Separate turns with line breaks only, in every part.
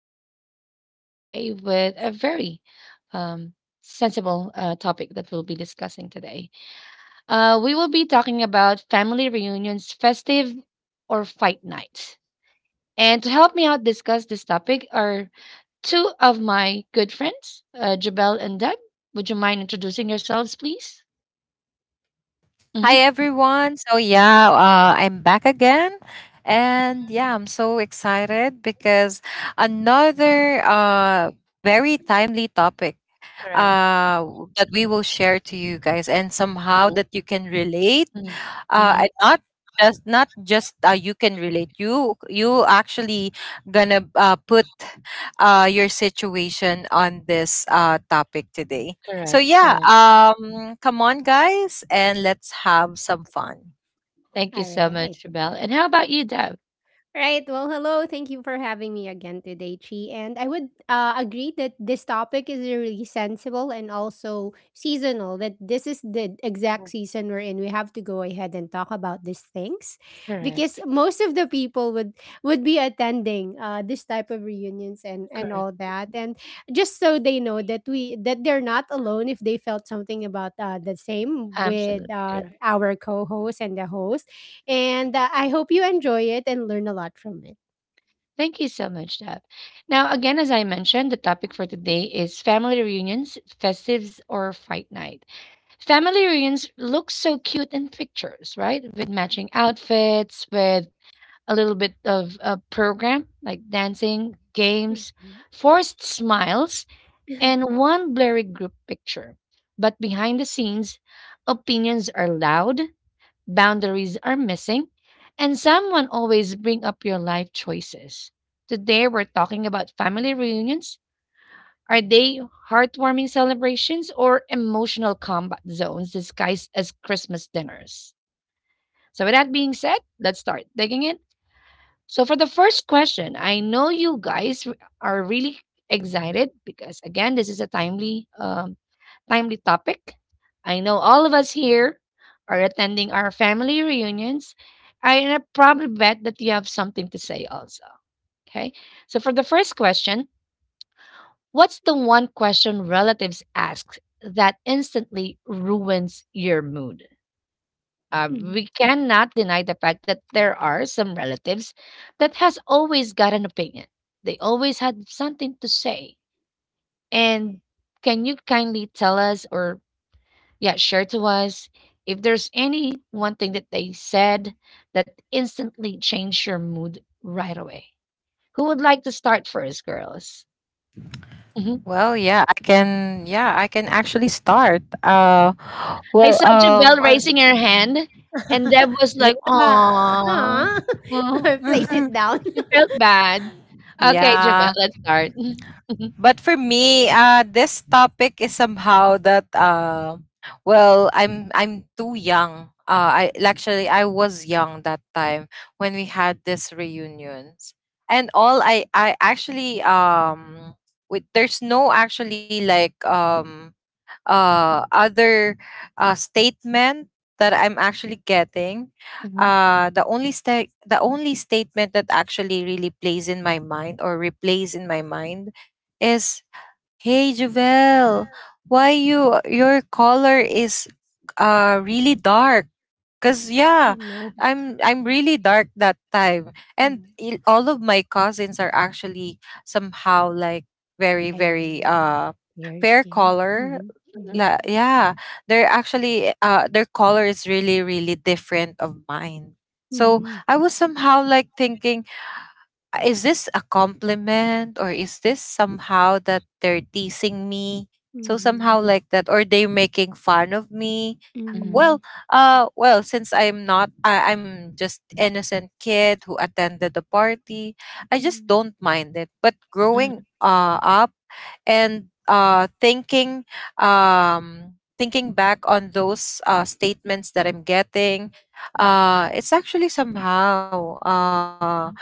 to be another meaningful day with a very um, sensible topic that we'll be discussing today. We will be talking about family reunions, festive or fight night. And to help me out discuss this topic are two of my good friends, Jabel and Deb. Would you mind introducing yourselves, please? Mm-hmm.
Hi everyone. So yeah, I'm back again, and yeah, I'm so excited because another very timely topic
Correct.
uh, that we will share to you guys, and somehow
Mm-hmm.
that you can relate
hmm
and not just you can relate, you actually gonna put your situation on this topic today. So
Correct.
yeah,
Correct.
come on guys, and let's have some fun.
Thank you
All
so
right.
much, Belle. And how about you, Deb?
Right. Well, hello. Thank you for having me again today, Chi. And I would agree that this topic is really sensible and also seasonal, that this is the
Mhm.
exact season we're in. We have to go ahead and talk about these things because
Correct.
most of the people would be attending this type of reunions and
Correct.
all that. And just so they know that we that they're not alone if they felt something about the same with
Absolutely correct.
our co-host and the host and I hope you enjoy it and learn a lot from it.
Thank you so much, Deb. Now, again, as I mentioned, the topic for today is family reunions, festives, or fight night. Family reunions look so cute in pictures, right? With matching outfits, with a little bit of a program like dancing, games,
Mhm.
forced smiles, and one blurry group picture. But behind the scenes, opinions are loud, boundaries are missing, and someone always bring up your life choices. Today we're talking about family reunions. Are they heartwarming celebrations or emotional combat zones disguised as Christmas dinners? So with that being said, let's start digging it. So for the first question, I know you are really excited because again, this is a timely timely topic. I know all of us here are attending our family reunions. I probably bet that you have something to say also. Okay. So for the first question, what's the one question relatives ask that instantly ruins your mood?
Mhm.
We cannot deny the fact that there are some relatives that has always got an opinion. They always had something to say. And can you kindly tell us or yeah, share to us if there's any one thing that they said that instantly changed your mood right away. Who would like to start first, girls? Mhm.
Well, yeah I can actually start.
I
Well,
saw Jabelle
on,
raising her hand, and Deb was like,
yeah,
"Aw,
Aw, I
aw."
placed it down.
She felt bad." Okay,
yeah.
Jabelle, let's start. Mhm,
But for me, this topic is somehow that, well, I'm too young. I was young that time when we had this reunions, and all, I actually with there's no actually, like, other statement that I'm actually getting.
mhm,
The only statement that actually really plays in my mind, or replays in my mind, is, Hey Javel, why your color is really dark? Cause yeah,
No,
I'm really dark that time, and
mm,
all of my cousins are actually somehow like very
I
very
am your
fair
skin.
color.
Mm-hmm.
mhm,
La, yeah, they're actually, their color is really really different of mine. So
Mm-hmm.
I was somehow like thinking, is this a compliment, or is this somehow that they're teasing me, so
Mm-hmm.
somehow like that, or they're making fun of me?
mhm,
Mhm.
Well, since I'm not I, I'm just innocent kid who attended the party, I just
Mhm.
don't mind it, but
mhm, mhm,
growing up, and thinking, back on those statements that I'm getting, it's actually somehow,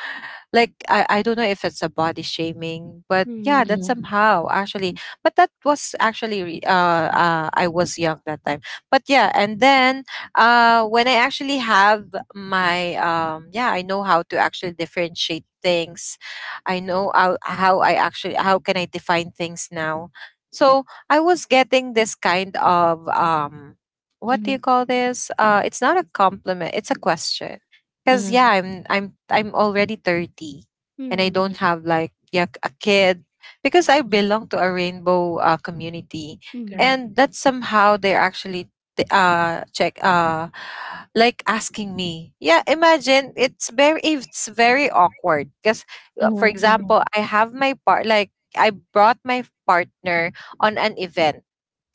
like, I don't know if it's a body shaming, but yeah, that
Mhm.
mhm,
somehow actually, but that was actually I was young that time, but yeah, and then when I actually have my, yeah, I know how to actually differentiate things. I know how I actually how can I define things now, so I was getting this kind of, what do
mhm,
you call this, it's not a compliment, it's a question. Cause
mhm,
yeah,
Mhm.
I'm already 30, and I
mhm,
Mhm.
don't have, like, yeah, a kid, because I
mhm.
belong to a rainbow community,
Mhm.
Correct.
and that's somehow, they're actually check, like, asking me, yeah, imagine, it's very awkward because, for
Mhm, mhm,
example, I brought my partner on an event,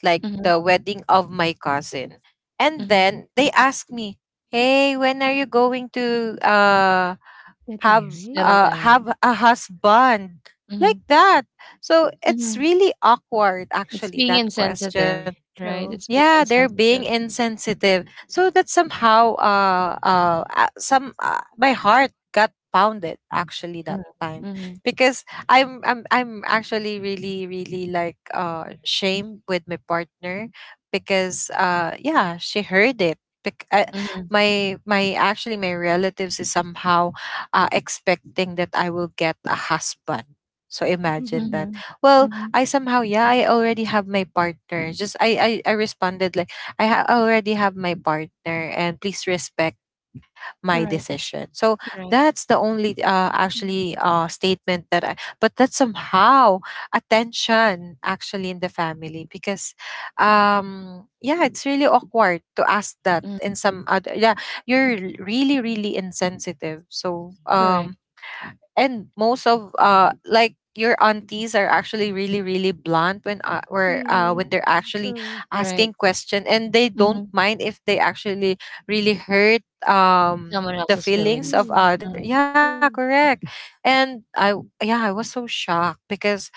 like
mhm,
the wedding of my cousin. And
mhm.
then they asked me, "Hey, when are you going to
Got
have
married?
Settle
uh
down.
have a husband?" Like
Mhm,
that. So it's
mhm.
really awkward,
It's
actually,
being
that question.
insensitive, right?
True.
It's being
Yeah, they're being
insensitive.
insensitive, so that somehow, some my heart got pounded actually that
Mhm,
time,
mhm,
because I'm actually really really, like, shamed with my partner, because yeah, she heard it. Bec- uh,
mhm,
my relatives is somehow expecting that I will get a husband, so imagine that.
mhm,
Well,
mhm.
I somehow, yeah, I already have my partner. Just I responded like, already have my partner, and please respect my
Correct,
decision. So
correct.
that's the only actually, statement that I, but that's somehow attention actually in the family, because, yeah, it's really awkward to ask that
Mm,
in some other, yeah, you're really really insensitive. So,
correct,
and most of, like, your aunties are actually really really blunt when, where
Mhm.
when they're actually
True.
asking
right.
question, and they don't
Mhm.
mind if they actually really hurt,
Someone
the
else's
feelings
feelings.
of
Mhm.
Mm-hmm.
other, yeah,
True.
correct. And I, yeah, I was so shocked because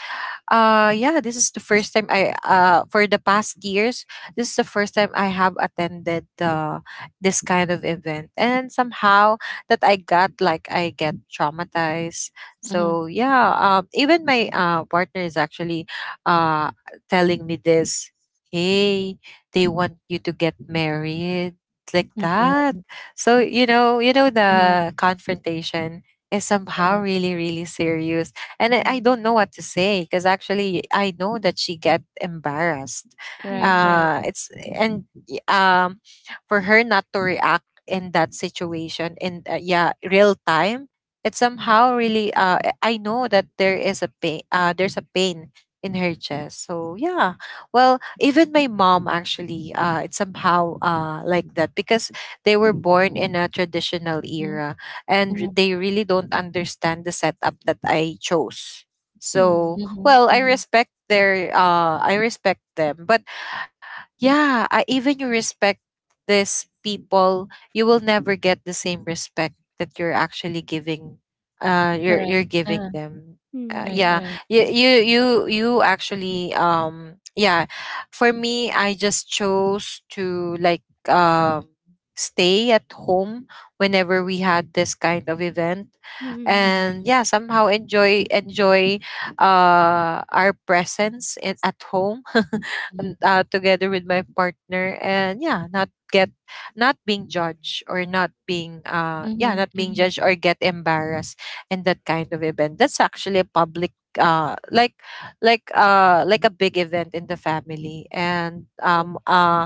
yeah, this is the first time I for the past years this is the first time I have attended this kind of event, and somehow that I got, like, I get traumatized.
Mm-hmm.
So yeah, even my partner is actually uh telling me this, hey, they want you to get married, like
Mm-hmm.
that. So you know
Mhm, mhm,
the confrontation is
mhm,
somehow
uh-huh.
really really serious, and I
Mhm.
don't know what to say because actually I know that she get embarrassed.
Right,
Mhm.
right.
It's, for her not to react in that situation in, yeah, real time. It somehow really, I know that there is a pain. There's a pain in her chest. So yeah, well, even my mom actually, it's somehow like that, because they were born in a traditional
Mhm,
era,
mhm,
and they really don't understand the setup that I chose. So,
Mhm.
mhm,
well, I
mhm.
respect their, I respect them, but yeah, I, even you respect these people, you will never get the same respect that you're actually giving, you're
Correct.
you're
Uh-huh.
giving them,
Right,
Mhm.
yeah,
right.
you actually, yeah, for me, I just chose to, like, um stay at home whenever we had this kind of event,
Mhm. Mhm. Mhm.
Mhm,
and yeah, somehow enjoy our presence in, at home,
mhm,
together with my partner, and yeah, not being judged, or not being, yeah,
mhm,
not being
mhm,
judged, or get embarrassed in that kind of event, that's actually a public, like, like a big event in the family, and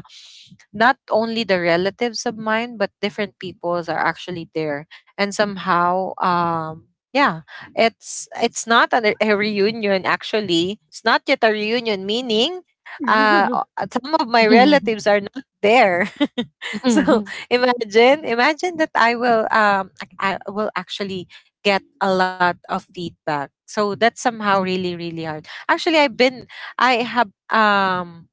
not only the relatives of mine, but different peoples are actually there, and somehow, yeah, it's not a, reunion, actually it's not yet a reunion, meaning, some of my
mhm, mhm,
relatives are not there. So
mhm,
imagine, that I will, I will actually get a lot of feedback, so that's somehow really really hard actually. I have,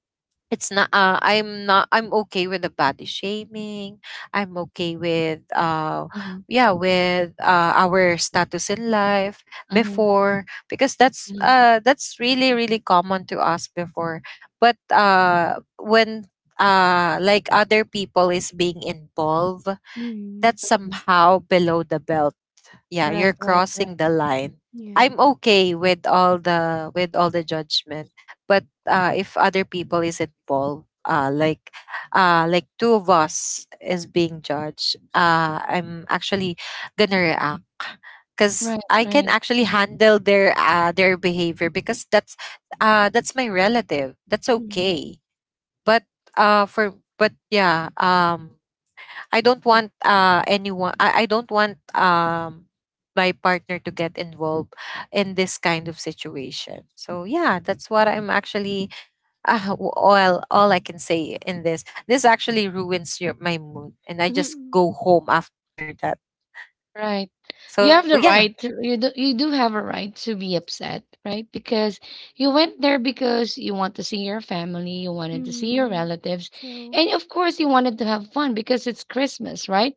it's not, I'm okay with the body shaming, I'm okay with,
mhm,
yeah, with, our status in life
mhm,
before, because that's,
mhm.
that's really really common to us before. But when, like, other people is being involved, that's somehow below the belt, yeah,
Right,
you're
right, right.
crossing the line. I'm
Yes.
okay with all the judgment, but if other people is involved, like, like two of us is being judged, I'm actually gonna react, because
Right,
I can
right.
actually
Mm-hmm.
handle their, their behavior, because that's, that's my relative, that's
Mhm.
okay. But for but yeah, I don't want anyone, I don't want, my partner to get involved in this kind of situation. So yeah, that's what I'm actually, all I can say in this. This actually ruins your, my mood, and I just
Mhm.
go home after that.
Right.
So
You
Yeah.
have the right to, you do have a right to be upset, right? Because you went there because you want to see your family, you wanted to see your
Mhm.
relatives,
True.
and of course you wanted to have fun because it's Christmas, right?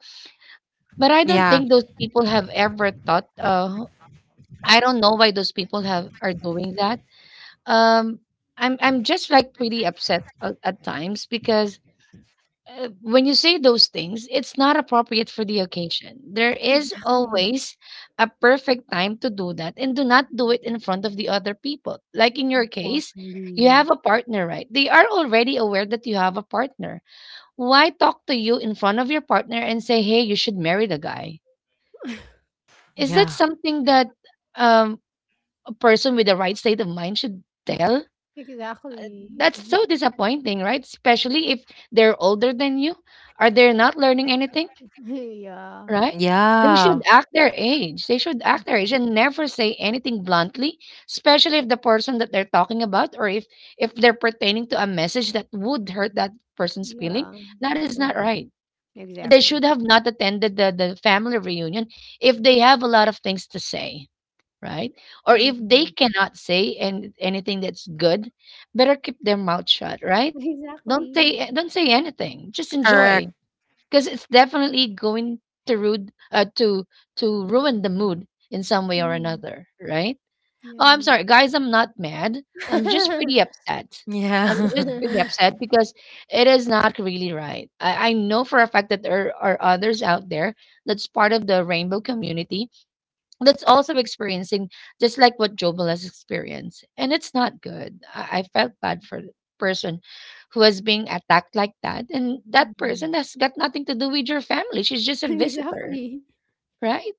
But I don't
Yeah.
think those people have ever thought. I don't know why those people have are doing that. Um I'm just like pretty upset at times because when you say those things, it's not appropriate for the occasion. There is
Exactly.
always a perfect time to do that and do not do it in front of the other people. Like in your case, you have
Exactly.
a partner, right? They are already aware that you have a partner. Why talk to you in front of your partner and say, hey, you should marry the guy? Is that
Yeah.
something that um, a person with the right state of mind should tell?
Exactly.
That's so disappointing, right? Especially if they're older than you. Are they not learning anything?
Yeah.
Right? They should
Yeah.
act their age. They should act their age and never say anything bluntly, especially if the person that they're talking about, or if they're pertaining to a message that would hurt that person's feeling,
Yeah.
that is
Oh,
not right. They
exactly.
should have not attended the family reunion if they have a lot of things to say, right? Or if they
Mhm.
cannot say and anything that's good, better keep their mouth shut, right? Don't
Exactly.
say don't say anything. Just
Correct.
enjoy because it's definitely going to rude to ruin the mood in some way or
Mm.
another, right? Oh, I'm
Yes.
sorry, guys. I'm not mad. I'm just pretty upset.
Yeah.
I'm just pretty
Mhm.
upset because it is not really right. I know for a fact that there are others out there that's part of the rainbow community that's also experiencing just like what Jobel has experienced. And it's not good. I felt bad for the person who was being attacked like that. And that person has got nothing to do with your family. She's just a visitor,
Exactly.
right?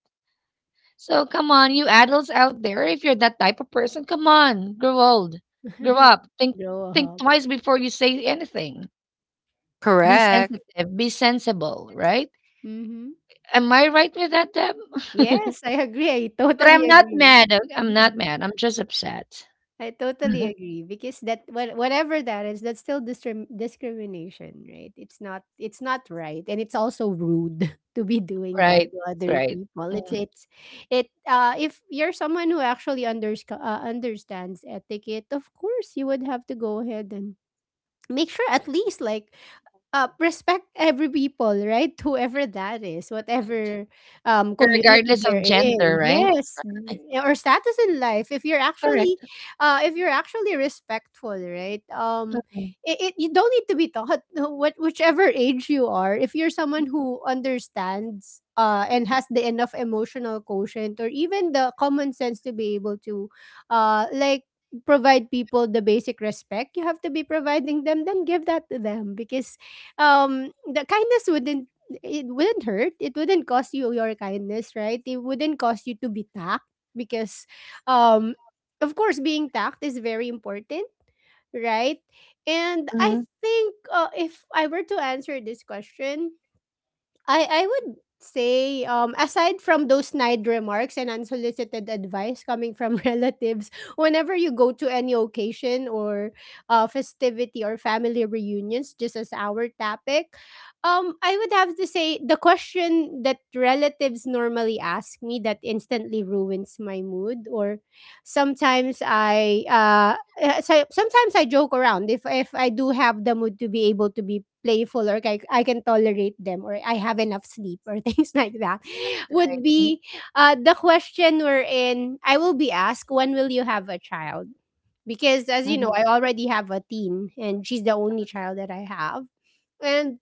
So come on, you adults out there, if you're that type of person, come on, grow old, grow up. Think
Grow
think
up.
twice before you say anything. Be
Correct.
sensitive, be sensible, right?
Mhm.
Am I right with that, Deb?
Yes, I agree. I
But
totally
I'm not
agree.
mad. I'm not mad. I'm just upset.
I totally agree because that what whatever that is, that's still discrimination, right? It's not right, and it's also rude to be doing that
Right,
to other
right.
people. It. If you're someone who actually understands etiquette, of course you would have to go ahead and make sure at least like respect every people, right? Whoever that is, whatever community
Regardless
they're
of gender,
in,
right?
yes,
Ay,
or status in life.
correct.
If you're actually respectful, right?
Mm,
It, it you don't need to be taught what whichever age you are. If you're someone who understands. And has the enough emotional quotient or even the common sense to be able to uh like provide people the basic respect you have to be providing them then give that to them because the kindness wouldn't it wouldn't hurt. It wouldn't cost you your kindness, right? It wouldn't cost you to be tact because um of course being tact is very important, right? And I
mhm.
think, if I were to answer this question, I would say, aside from those snide remarks and unsolicited advice coming from relatives, whenever you go to any occasion or festivity or family reunions, just as our topic, I would have to say the question that relatives normally ask me that instantly ruins my mood, or sometimes I so sometimes I joke around if I do have the mood to be able to be playful or like I can tolerate them or I have enough sleep or things like that would
Right, mm,
be the question wherein I will be asked, when will you have a child? Because as you know,
mhm.
I already have a teen and she's the only child that I have. And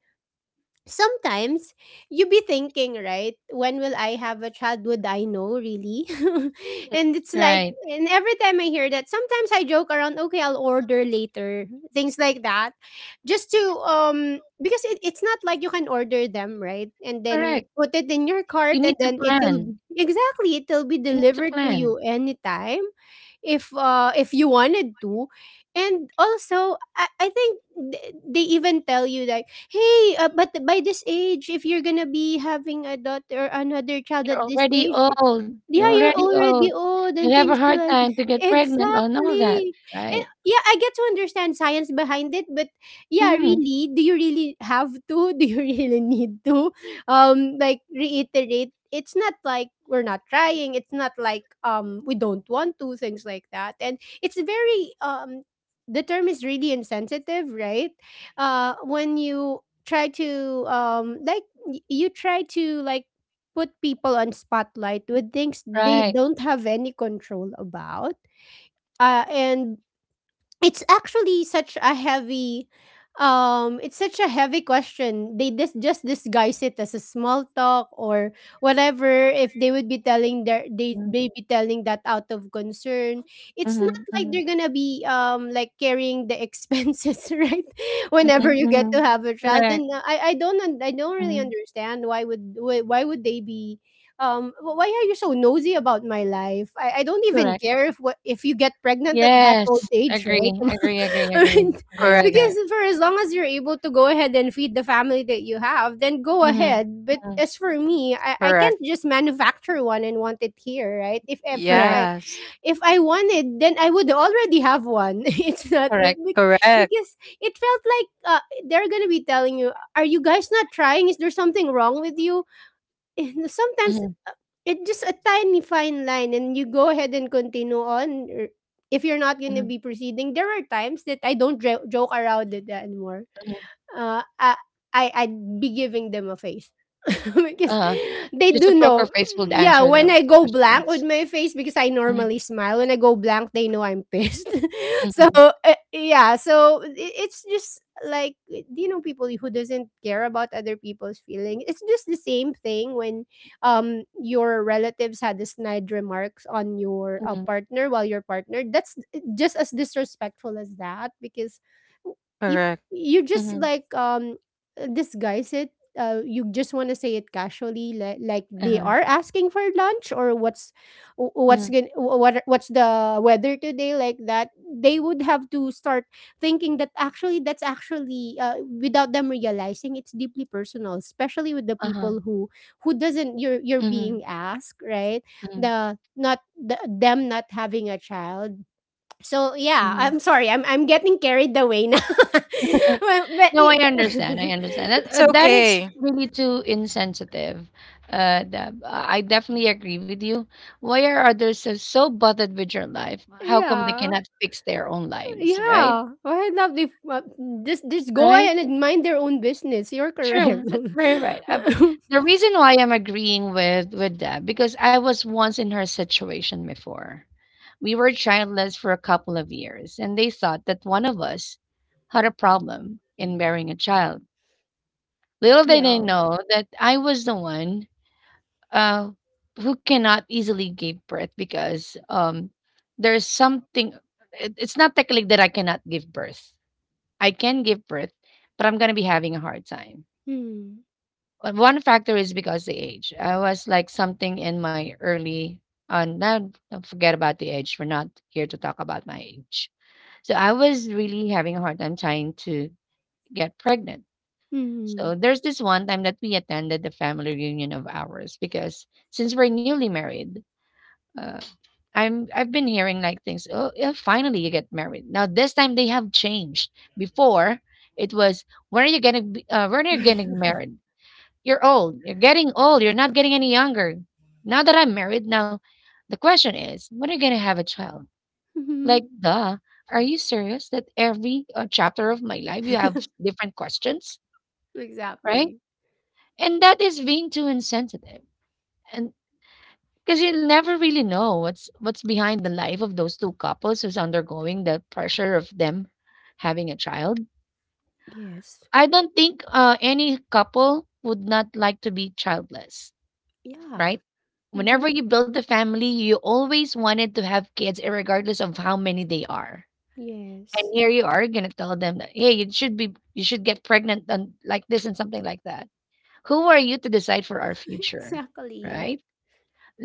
sometimes you be thinking, right? When will I have a child? Would I know really? And it's like,
Right,
and every time I hear that, sometimes I joke around, okay, I'll order later, things like that, just to, because it, it's not like you can order them, right? And then
correct.
put it in your
You
cart and
need to
then
plan.
it'll, exactly, it'll be
You need to
delivered to
plan.
you anytime if you wanted to. And also I think they even tell you like, hey but by this age if you're gonna be having a daughter or another child
You're
at this
already
age,
old. You're
yeah, you're
already old.
already old
You'll
and
have a
things
hard
like
time to get pregnant and all that,
exactly. And
right?
yeah, I get to understand science behind it, but yeah,
Mhm,
really, do you really have to? Do you really need to? Like reiterate. It's not like we're not trying. It's not like we don't want to, things like that. And it's very the term is really insensitive, right? When you try to you try to like put people on spotlight with things they
right.
don't have any control about, and it's actually such a heavy it's such a heavy question they just disguise it as a small talk or whatever. If they would be telling their
Mm,
they be telling that out of concern, it's not
mhm,
like
mhm,
they're gonna be carrying the expenses right,
mhm,
whenever you get to
mhm.
have a child.
Correct.
Then I don't really
Mhm,
understand why would they be why are you so nosy about my life? I don't even
correct.
care if what if you get pregnant at that old
Yes,
age,
agree,
right?
agree, agree, agree. Agree with
Correct.
that.
Because for as long as you're able to go ahead and feed the family that you have, then go
Mhm,
ahead. But
mhm.
as for me, I
Correct.
can't just manufacture one and want it here, right? If
Correct,
I,
Yes.
if I wanted, then I would already have one. It's not like
correct.
Correct.
because it felt like they're gonna be telling you, "Are you guys not trying? Is there something wrong with you?" And sometimes,
Mhm,
it's just a tiny fine line and you go ahead and continue on, or if you're not gonna
mhm,
be proceeding. There are times that I don't joke around it anymore,
mhm,
uh, I, I I'd be giving them a face because
Uh,
they
Just
do
a poker
know.
face would
Yeah,
answer
when
those
I go blank
questions.
with my face because I
Mhm,
normally smile. When I go blank, they know I'm pissed. So
mhm,
yeah, so it's just like, you know, people who doesn't care about other people's feelings. It's just the same thing when your relatives had a snide remarks on your
mhm,
partner while your partner. That's just as disrespectful as that because you
Correct.
you just
mhm,
like disguise it. You just want to say it casually like they
uh-huh,
are asking for lunch or
mhm,
what's going what's the weather today, like that they would have to start thinking that actually that's actually without them realizing it's deeply personal, especially with the
uh-huh,
people who doesn't, you're
mhm,
being asked, right?
mhm,
Them not having a child. So yeah,
mhm.
I'm sorry. I'm getting carried away now. But
No, I understand, I
it,
understand. That
It's
that is
okay.
really too insensitive, Deb. I definitely agree with you. Why are others so bothered with your life? How come they
yeah,
cannot fix their own lives, right?
yeah. Why not? If just just go
Right?
ahead and mind their own business. You're
True,
correct.
that's very right. The reason why I'm agreeing with that because I was once in her situation before. We were childless for a couple of years, and they thought that one of us had a problem in bearing a child. Little did they
Yeah.
know that I was the one uh, who cannot easily give birth because there's something. It's not technically that I cannot give birth. I can give birth, but I'm gonna be having a hard time.
Hmm.
One factor is because the age. I was like something in my early and now don't forget about the age. We're not here to talk about my age. So I was really having a hard time trying to get pregnant.
Hmm.
So there's this one time that we attended the family reunion of ours because since we're newly married, uh, I've been hearing like things. Oh, yeah, finally you get married. Now this time they have changed. Before it was when are you when are you getting married? You're old. You're getting old. You're not getting any younger. Now that I'm married, now the question is, when are you going to have a child?
Mhm.
Like, duh. Are you serious that every chapter of my life you have different questions, right?
Exactly.
And that is being too insensitive. And because you never really know what's behind the life of those two couples who's undergoing the pressure of them having a child.
Yes.
I don't think any couple would not like to be childless,
Yeah.
right?
Mm-hmm.
Whenever you build the family, you always wanted to have kids, regardless of how many they are. And
Yes.
here you are gonna tell them that, hey, you should be, you should get pregnant and like this and something like that. Who are you to decide for our future,
Exactly.
right?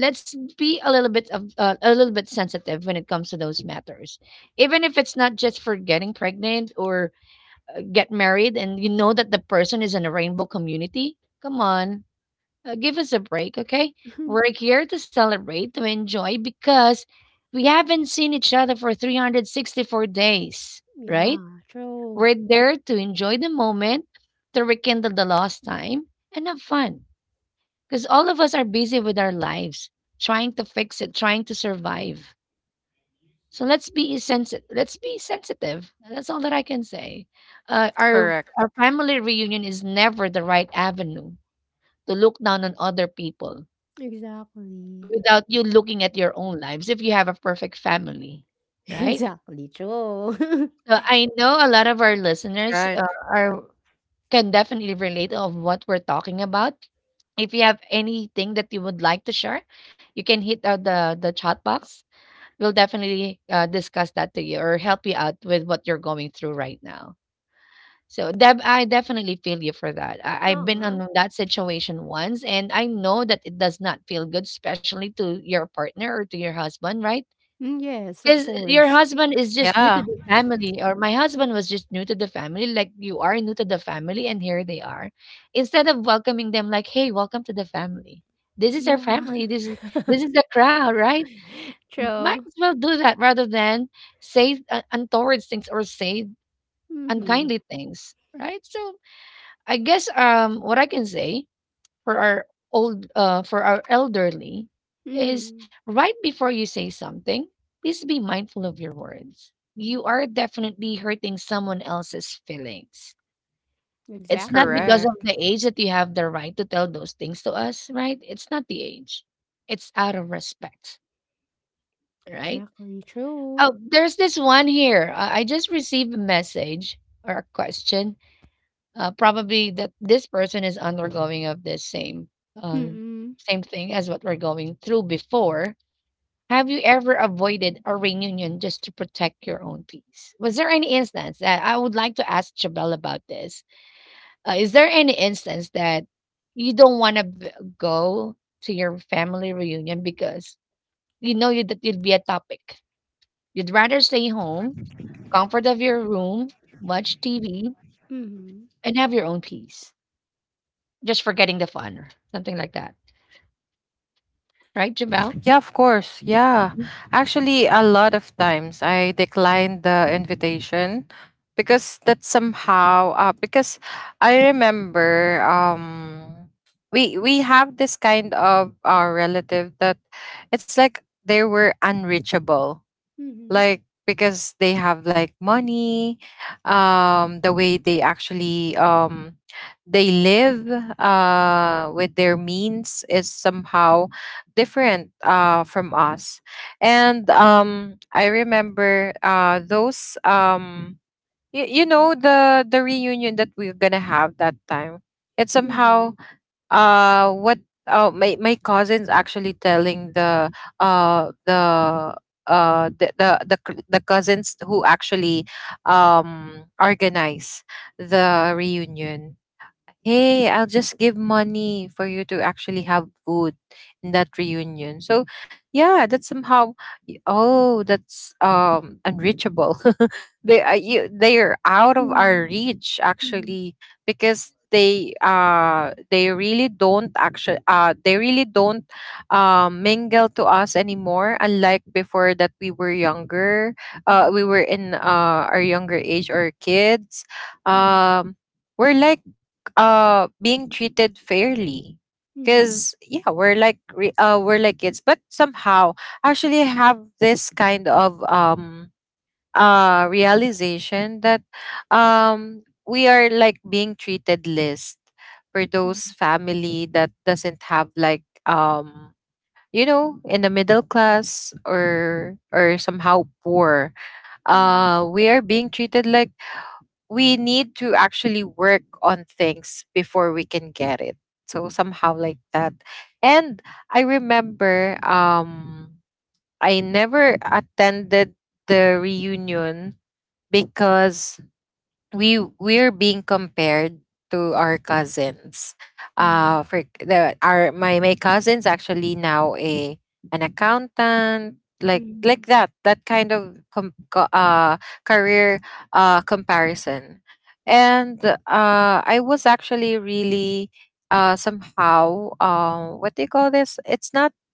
Let's be a little bit of a little bit sensitive when it comes to those matters, even if it's not just for getting pregnant or get married, and you know that the person is in a rainbow community. Come on, give us a break, okay? We're here to celebrate, to enjoy, because we haven't seen each other for 364 days, right?
Yeah. True.
We're there to enjoy the moment, to rekindle the lost time, and have fun. Because all of us are busy with our lives, trying to fix it, trying to survive. So let's be sensitive. Let's be sensitive. That's all that I can say. Our our
Correct.
family reunion is never the right avenue to look down on other people
Exactly.
without you looking at your own lives if you have a perfect family, right?
Exactly. True.
So I know a lot of our
That's
listeners
right.
are can definitely relate of what we're talking about. If you have anything that you would like to share, you can hit out the chat box. We'll definitely discuss that to you or help you out with what you're going through right now. So Deb, I definitely feel you for that. I've been
Aw.
on that situation once, and I know that it does not feel good, especially to your partner or to your husband, right?
Mm, yes, of
Because your
course.
husband is just new
Yeah.
to the family, or my husband was just new to the family, like you are new to the family, and here they are. Instead of welcoming them like, "Hey, welcome to the family. This is our
Yeah,
family. This is the crowd, right?" Might
true.
as well do that rather than say untoward things or say
Mhm.
unkindly things, right? So I guess what I can say for our old for our elderly is,
Mhm.
right before you say something, please be mindful of your words. You are definitely hurting someone else's feelings. It's not
Exactly.
because of
Correct.
the age that you have the right to tell those things to us, right? It's not the age, it's out of respect, right?
Exactly. True.
Oh, there's this one here. I just received a message or a question, probably that this person is undergoing of the same uh,
Mhm.
same thing as what we're going through before. Have you ever avoided a reunion just to protect your own peace? Was there any instance that I would like to ask Jabel about this? Is there any instance that you don't want to go to your family reunion because that you'd be a topic, you'd rather stay home, comfort of your room, watch tv,
Mhm.
and have your own peace? Just forgetting the fun, something like that, right, Jabal?
Yeah, of course. Yeah.
Mhm.
Actually, a lot of times I declined the invitation, because that somehow, because I remember, we have this kind of relative that, it's like they were unreachable,
Mhm.
like, because they have, like, money. The way they actually, they live with their means is somehow different from us. And I remember, those, you, you know, the reunion that we're gonna have that time, it's somehow,
Mhm.
what my cousins actually telling the, uh the the cousins who actually, organize the reunion, hey, I'll just give money for you to actually have food in that reunion. So yeah, that's somehow, oh, that's, unreachable. They are, they are out of our reach,
Mhm.
actually, because they really don't, mingle to us anymore, unlike before that we were younger. We were in our younger age, or kids.
Mhm.
um we're like, being treated fairly,
Mhm.
because yeah, we're like, we're like kids, but somehow actually I have this kind of, realization that, we are like being treated list for those family that doesn't have, like, you know, in the middle class, or somehow poor.
Mhm.
We are being treated like we need to actually work on things before we can get it. So somehow like that. And I remember, I never attended the reunion because we're being compared to our cousins. For the our my my cousins actually now, a an accountant, like
Mhm.
that, that kind of career, comparison, and I was actually really, somehow, what do you call this? It's not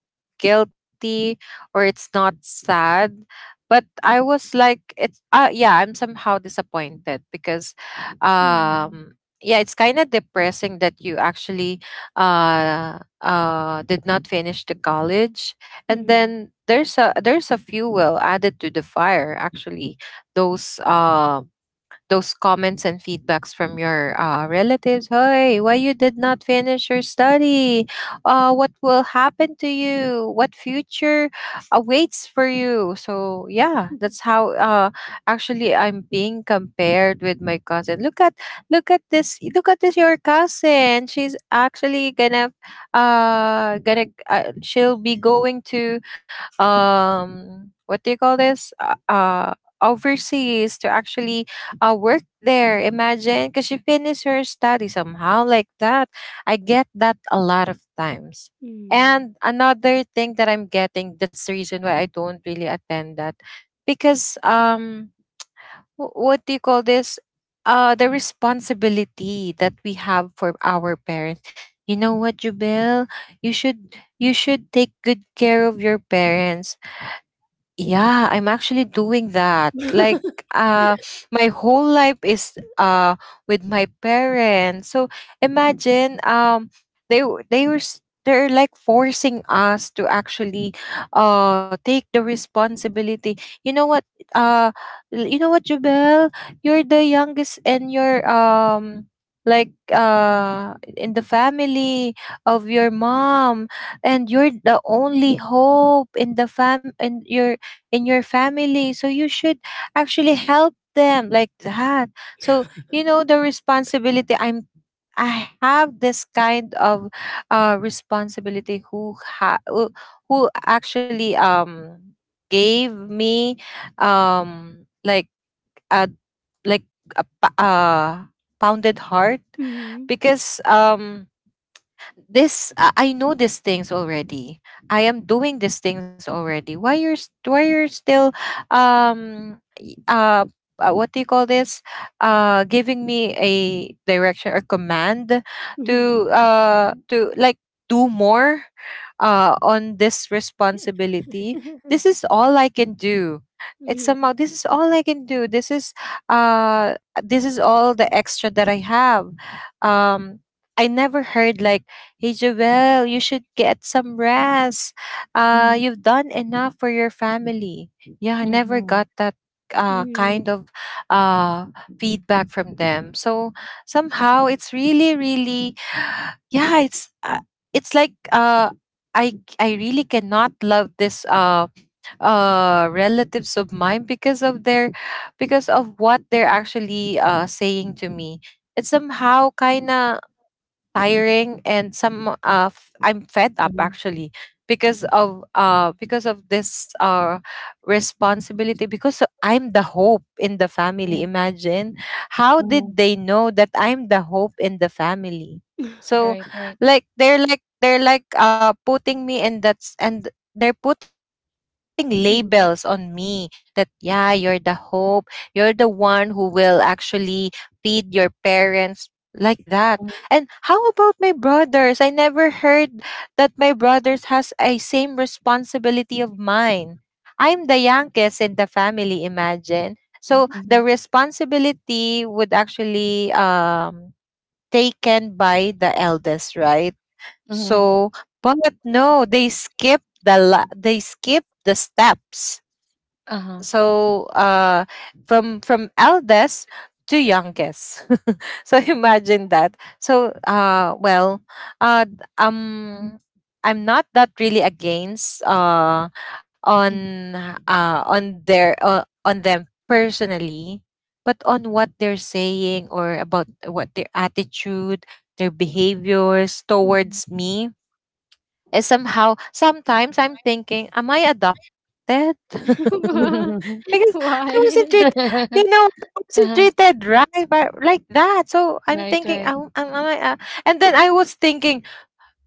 guilty, or it's not sad, but I was like, it's, yeah, I'm somehow disappointed because,
Mhm.
um yeah, it's kind of depressing that you actually, did not finish the college, and
Mhm.
then there's a fuel added to the fire, actually, those, those comments and feedbacks from your relatives. Hey, why you did not finish your study? What will happen to you? What future awaits for you? So yeah, that's how actually I'm being compared with my cousin. Look at look at this your cousin. She's actually gonna she'll be going to what do you call this overseas to actually work there. Imagine, because she finished her study somehow like that. I get that a lot of times.
Mhm.
And another thing that I'm getting, that's the reason why I don't really attend that, because what do you call this? The responsibility that we have for our parents. You know what, Jubel? You should take good care of your parents. Yeah, I'm actually doing that. Like, uh, my whole life is with my parents. So imagine, they w- they were s- they're like forcing us to actually, take the responsibility. You know what? Uh, you know what, Jubel? You're the youngest, and you're like in the family of your mom and you're the only hope in the fam and you're in your family. So you should actually help them like that. So, you know, the responsibility I have this kind of responsibility who ha- who actually gave me like a like a pounded heart
Mhm.
because this I know these things already. I am doing these things already. Why you're still y- what do you call this giving me a direction or command
Mhm.
to like do more on this responsibility.
Mhm.
This
Mhm.
is all I can do. It's somehow
Mhm.
this is all I can do. This is uh this is all the extra that I have. um I never heard like, "Hey Joel, you should get some rest.
Mhm,
You've done enough for your family." Yeah, I never got
mhm,
that kind
Mhm.
of uh, feedback from them. So somehow it's really, really, yeah, it's like I really cannot love this relatives of mine because of their because of what they're actually saying to me. It's somehow kind of tiring and I'm fed up
mhm,
actually because of this responsibility, because I'm the hope in the family.
mhm,
Imagine, how
mhm.
did they know that I'm the hope in the family?
Mhm.
So
Right, right.
like they're like putting me in that's, and they're putting labels on me
Mhm.
that, yeah, you're the hope. You're the one who will actually feed your parents, like that. And
Mhm.
how about my brothers? I never heard that my brothers has a same responsibility of mine. I'm the youngest in the family, imagine. So the
Mhm,
responsibility would actually taken by the eldest, right?
mhm.
So but no, they skip they skip the steps
Uh-huh.
so from eldest to youngest. So imagine that. So uh d-
Mhm,
um I'm not that really against
mhm,
on on their on them personally, but on what they're saying or about what their attitude, their behaviors towards
Mhm.
me is somehow. Sometimes I'm thinking, am I adopted?
Mhm.
mhm.
Because I wasn't
Why?
treated, you know, I wasn't
Uh-huh.
treated right by, like that. So I'm thinking, am I, and then I was thinking,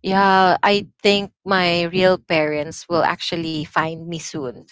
yeah, I think my real parents will actually find me soon.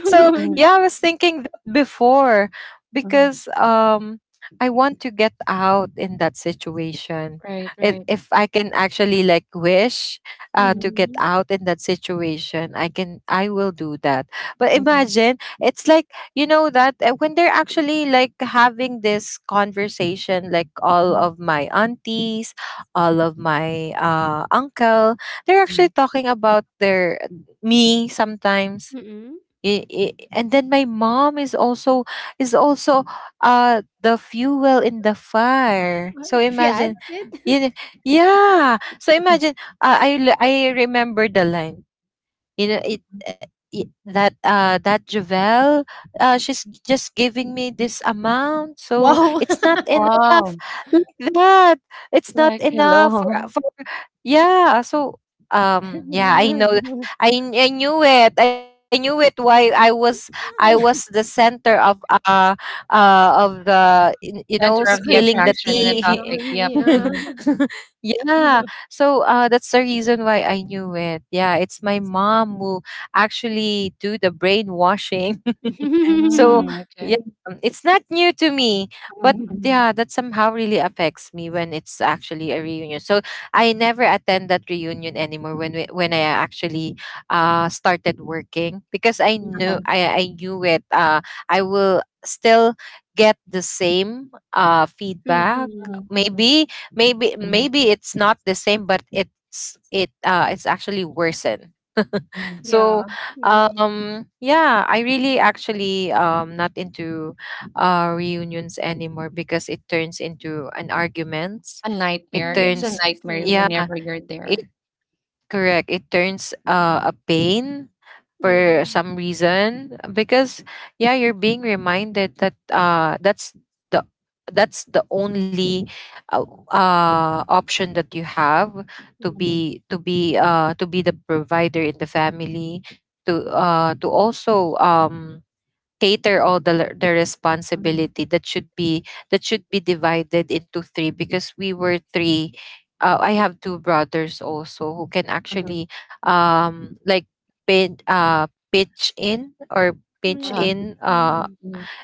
So yeah, I was thinking before because I want to get out in that situation. If I can actually like wish to get
Mhm.
out in that situation, I will do that. But imagine it's like, you know that when they're actually like having this conversation, like all of my aunties, all of my uncle, they're
Mhm.
actually talking about their me sometimes.
Mm.
And then my mom is also is also the fuel in the fire,
Ah,
so
she adds
imagine.
it?
You know, yeah, so imagine, I remember the line, you know, that Javel, she's just giving me this amount, so
Wow!
it's not enough,
Wow,
like that. It's not
like,
enough for
hello.
yeah. So yeah, I know, I knew it. I knew it, why I was, I was the center of the, you know,
Center
The
of the
spilling the
attraction and the
tea.
topic,
conversation,
yep.
yeah.
Mm,
Yeah, so that's the reason why I knew it. Yeah, it's my mom who actually do the brainwashing. So
Mhm.
mm,
yeah,
okay.
it's not new to me, but
Mhm, mhm,
yeah, that somehow really affects me when it's actually a reunion. So I never attend that reunion anymore when we, when I actually started working, because I knew
uh-huh,
I knew it. I will still get the same feedback.
Mhm.
mhm, mhm,
Maybe maybe
mhm,
maybe it's not the same, but it's it's actually worsened.
mhm.
So
Yeah. Mm.
yeah, I really actually not into reunions anymore, because it turns into an arguments.
A
It
nightmare, it's a
Mm.
turns,
nightmare
yeah,
True.
whenever you're
it.
there.
Correct. It turns a pain for
Mhm.
some reason because, yeah, you're being reminded that that's the, that's the only option that you have to
Mhm,
Mm.
be, to be the provider in the family, to also cater all the
mhm,
responsibility that should be, that should be divided into three, because we were three. I have two brothers also who can
mhm,
actually like pitch in or pinch
uh-huh.
Yeah. Mhm.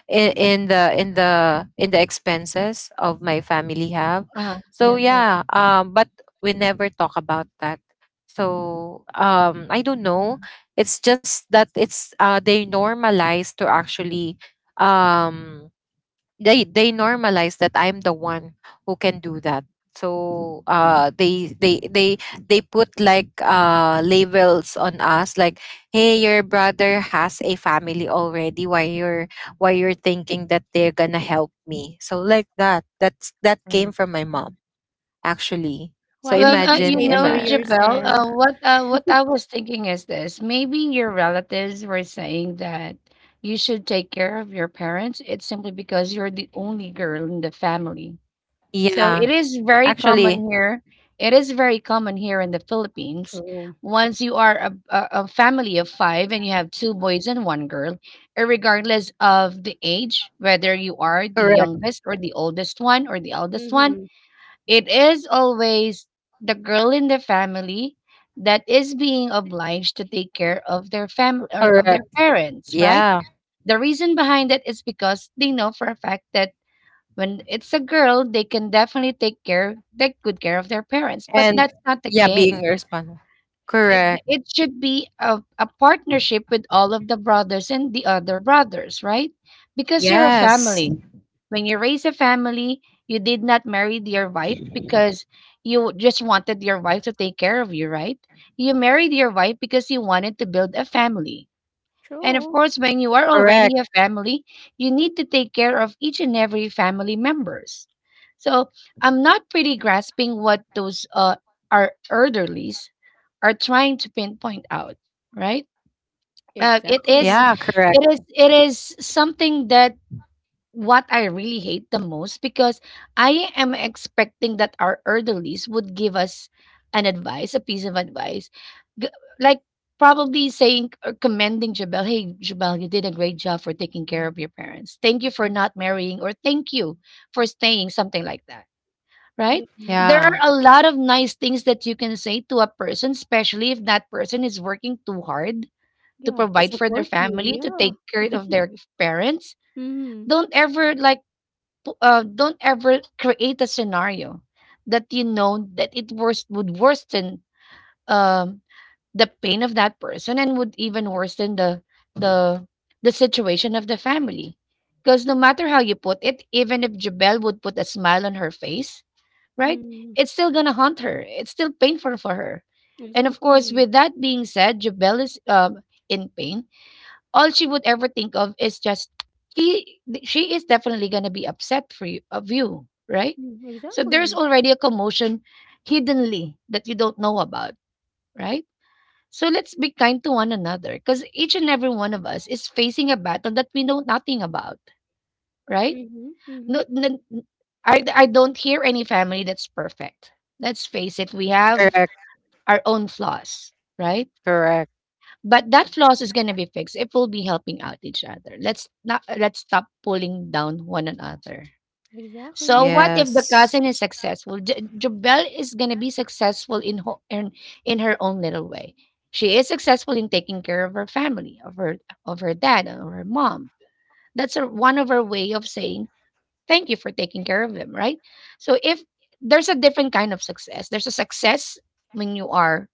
in the in the expenses of my family have.
Uh-huh.
So
Yep, yep.
yeah, but we never talk about that. So I don't know, it's just that it's they normalize to actually um they normalize that I'm the one who can do that. So they put like labels on us like, hey, your brother has a family already, why you're, why you're thinking that they're gonna help me. So like that. That's that came
Right.
from my mom actually. So
Why didn't
Well,
you
you
imagine
save for
know, Jabel,
yourself?
what I was thinking is this: maybe your relatives were saying that you should take care of your parents. It's simply because you're the only girl in the family. So
yeah,
it is very
actually.
common here. It is very common here in the Philippines.
True.
Once you are a family of five and you have two boys and one girl, regardless of the age, whether you are the
Correct.
youngest or the oldest one or the eldest one,
Mhm.
it is always the girl in the family that is being obliged to take care of their family or of their
Correct.
parents, right?
Yeah.
The reason behind it is because they know for a fact that when it's a girl, they can definitely take good care of their parents. But
And
that's not the
yeah,
case.
being responsible.
it
Correct.
it should be a partnership with all of the brothers and the other brothers, right? Because you're a
Yes.
family. When you raise a family, you did not marry your wife because you just wanted your wife to take care of you, right? You married your wife because you wanted to build a family. And of
True.
course, when you are
Correct.
already a family, you need to take care of each and every family members. So I'm not pretty grasping what those our elderlies are trying to pinpoint out, right? Uh, it is,
Exactly.
Yeah, correct.
it is something that what I really hate the most, because I am expecting that our elderlies would give us an advice, a piece of advice, G- like probably saying or commending Jabel, "Hey, Jabel, you did a great job for taking care of your parents. Thank you for not marrying, or thank you for staying," something like that. Right?
Yes.
There are
Yeah.
a lot of nice things that you can say to a person, especially if that person is working too hard to
Yeah, to
provide for their
support you,
family, to
yeah.
take care of their parents.
Mhm.
Don't ever like, don't ever create a scenario that you know that it worst would worsen um, the pain of that person, and would even worsen the the situation of the family. Because no matter how you put it, even if Jabel would put a smile on her face, right?
Mm.
It's still gonna haunt her. It's still painful for her. And of course,
Exactly.
with that being said, Jabel is in pain. All she would ever think of is just she is definitely going to be upset for you of you, right?
Mm,
So there's
exactly.
already a commotion hiddenly that you don't know about, right? So let's be kind to one another, because each and every one of us is facing a battle that we know nothing about, right?
Mhm,
No,
mhm.
I don't hear any family that's perfect. Let's face it, we have
Correct.
our own flaws, right?
Correct.
But that flaws is going to be fixed if we'll be helping out each other. Let's not Let's stop pulling down one another. So
Exactly.
what if the
Yes.
cousin is successful? Jobel is going to be successful in, ho- in her own little way. She is successful in taking care of her family, of her dad and of her mom. That's her one of her way of saying thank you for taking care of them, right? So, if there's a different kind of success, there's a success when you are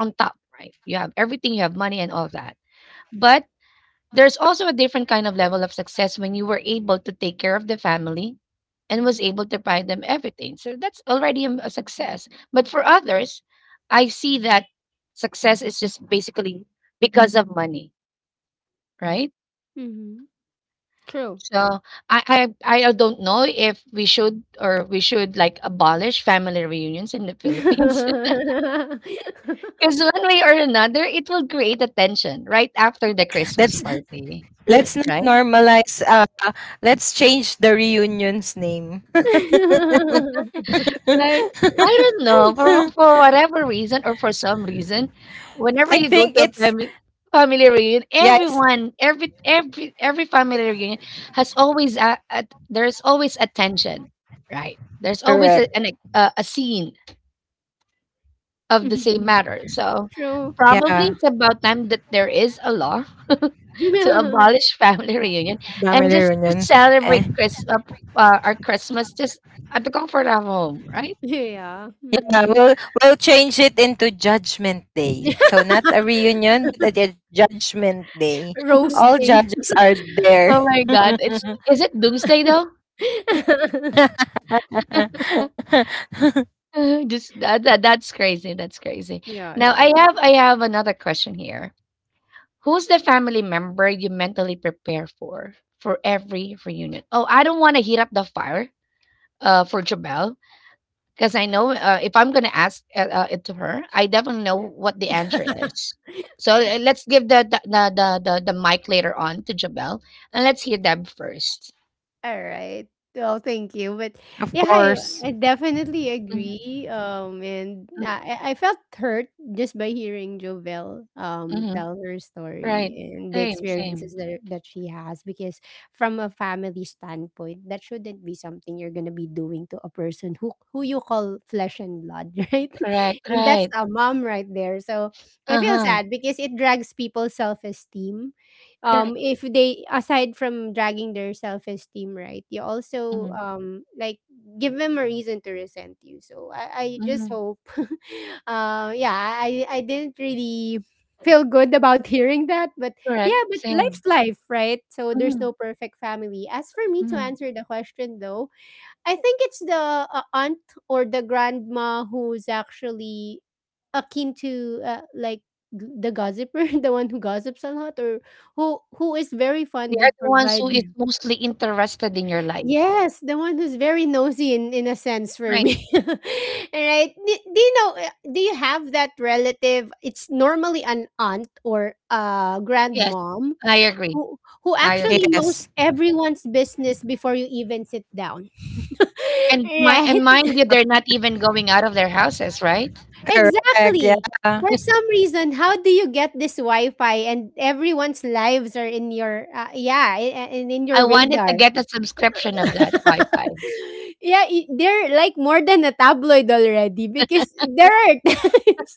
on top, right? You have everything, you have money and all that. But there's also a different kind of level of success when you were able to take care of the family and was able to buy them everything. So that's already a success. But for others, I see that success is just basically because of money, right?
Mhm. True.
So I don't know if we should, or we should like abolish family reunions in the Philippines, because one way or another it will create a tension right after the Christmas
Let's
party,
let's not
right?
normalize let's change the reunion's name.
Right? I don't know. For whatever reason, or for some reason, whenever
I
you go
think
to a
it's,
family reunion,
yeah, it's
everyone, every family reunion has always a there's always a tension, right? There's always a,
correct.
an, a scene of the same
Mhm.
matter. So
True.
probably
Yeah,
it's about time that there is a law to abolish family reunion
family
and just
reunion. Eh,
celebrate our Christmas just at the comfort of home, right?
Yeah.
yeah,
Mm.
we'll change it into Judgment Day. So not a reunion, but a Judgment Day. All
Roasting.
judges are
Oh
there.
my god, it's is it doomsday though? Just that's crazy. That's crazy.
Yeah,
Now
it is.
I have another question here. Who's the family member you mentally prepare for every reunion? Oh, I don't want to heat up the fire for Jabel, because I know, if I'm going to ask it to her, I definitely know what the answer is. So let's give the mic later on to Jabel, and let's hear them first.
All right. Well, thank you. But
Of
yeah,
course.
I definitely
Mm,
agree. And
mm,
I I felt hurt just by hearing Jovel
mhm.
tell her story
Right.
and the
Same, same.
experiences that she has. Because from a family standpoint, that shouldn't be something you're gonna be doing to a person who you call flesh and blood, right?
Correct,
And that's
right.
a mom right there. So I feel
Uh-huh,
sad because it drags people's self esteem.
correct.
If they, aside from dragging their self-esteem, right, you also
Mhm,
give them a reason to resent you. So I just
mhm.
hope yeah, I didn't really feel good about hearing that, but
Correct,
yeah, but
same.
life's life, right? So there's
Mhm,
no perfect family. As for me to
mhm.
answer the question though, I think it's the aunt or the grandma who's actually akin to, the gossiper, the one who gossips a lot, or who is very
They
fond of
are the ones who is
providing.
mostly interested in your life.
Yes, the one who's very nosy in a sense for
Right.
me. All right? Do you know? Uh, do you have that relative? It's normally an aunt or a
Yes,
grandmom
I agree,
who
I
actually
agree.
Yes.
knows everyone's business before you even sit down.
And my and
Right?
mind you, they're not even going out of their houses, right?
Correct.
Exactly.
Yeah.
For some reason, how do you get this Wi-Fi and everyone's lives are in your yeah, and in
I
your
wanted to
radar?
get a subscription of that Wi-Fi.
Yeah, they're like more than a tabloid already because there are times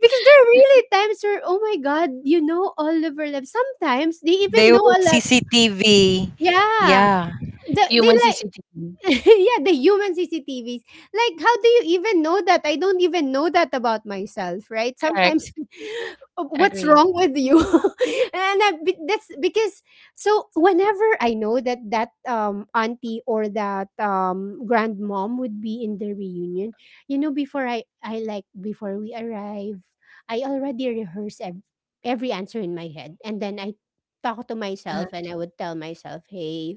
because there are really times where, oh my god, you know all of our lives. Sometimes they
They
even know
were
a lot.
CCTV.
Yeah.
Yeah.
They
Human
like
CCTV.
yeah, the human CCTVs. Like, how do you even know that? I don't even know that about myself, right? Sometimes,
Correct,
what's
agree.
wrong with you? That's because so whenever I know that that auntie or that grandmom would be in the reunion, before I like before we arrive, I already every answer in my head, and then I talk to
Uh-huh,
myself and I would tell myself, "Hey,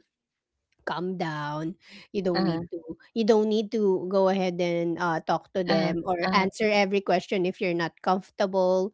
calm down. You don't need
uh-huh,
to you don't need to go ahead and talk to
uh-huh,
them or
uh
answer every question if you're not comfortable.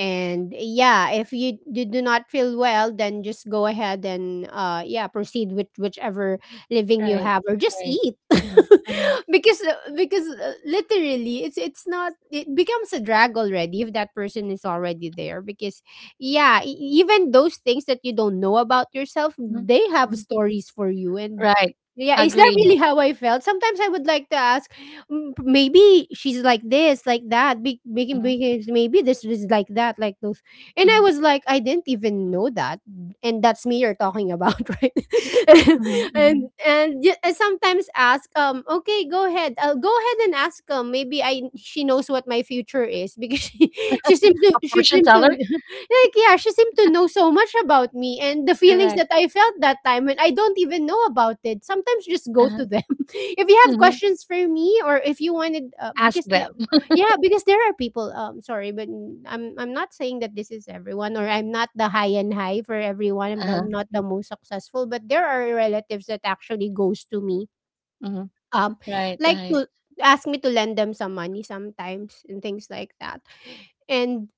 And yeah, if you, you do not feel well, then just go ahead and yeah, proceed with whichever living you
right,
have or just
right.
eat."
Mhm, mhm,
Because literally it's not, it becomes a drag already if that person is already there because yeah even those things that you don't know about yourself,
mhm,
they have
mhm.
stories for you. And
Right,
yeah, is that
agree.
really how I felt? Sometimes I would like to ask, "Mm, maybe she's like this like that making
Mhm,
because maybe this is like that like those." And I
mhm.
was like, I didn't even know that, and that's me you're talking about. Right.
Mhm,
and
mhm.
and y- and sometimes ask, okay, go ahead, I'll go ahead and ask, maybe I she knows what my future is because she she seemed to,
A
she
fortune
seemed to,
teller?
like, yeah, she seemed to know so much about me and the feelings
Correct.
that I felt that time when I don't even know about it. Sometimes just go
Uh-huh.
to them. If you have
Mhm.
questions for me or if you wanted,
Ask
because, the-
them.
yeah, because there are people, sorry, but I'm not saying that this is everyone, or I'm not the high and high for everyone. I'm the,
Uh-huh.
not the most successful, but there are relatives that actually goes to me.
Mhm.
Um,
Right,
like
right.
to ask me to lend them some money sometimes and things like that. And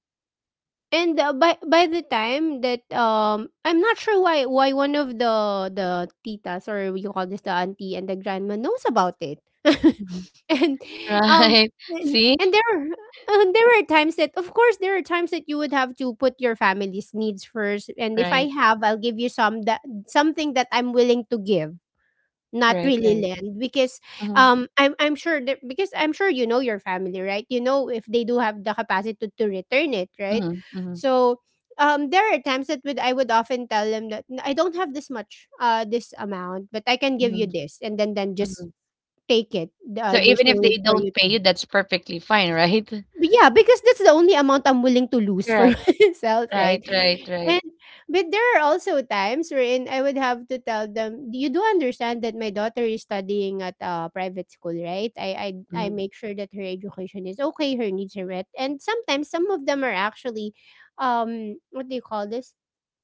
by the time that I'm not sure why one of the titas, or you call this the auntie, and the grandma knows about it.
Mhm.
And um
Right.
and,
See?
and there are- uh, there were times that, of course, there are times that you would have to put your family's needs first, and if I
Right.
have, I'll give you some that, something that I'm willing to give, not
Right,
really
right.
land. Because
Mhm,
I'm sure that, because I'm sure you know your family, right? You know if they do have the capacity to return it, right?
mhm, mhm,
So there are times that would I would often tell them that, "N- I don't have this much, this amount, but I can give you
mhm,
this, and then just
mhm.
take it.
So
There's
even
no
if
need
they
for you
don't pay
to,
you, that's perfectly fine, right?
but yeah, because that's the only amount I'm willing to lose for
Correct.
myself, right?"
Right, right,
And
right.
but there are also times wherein I would have to tell them, you do understand that my daughter is studying at a private school, right? I
Mhm,
make sure that her education is okay, her needs are met. And sometimes some of them are actually what do you call this?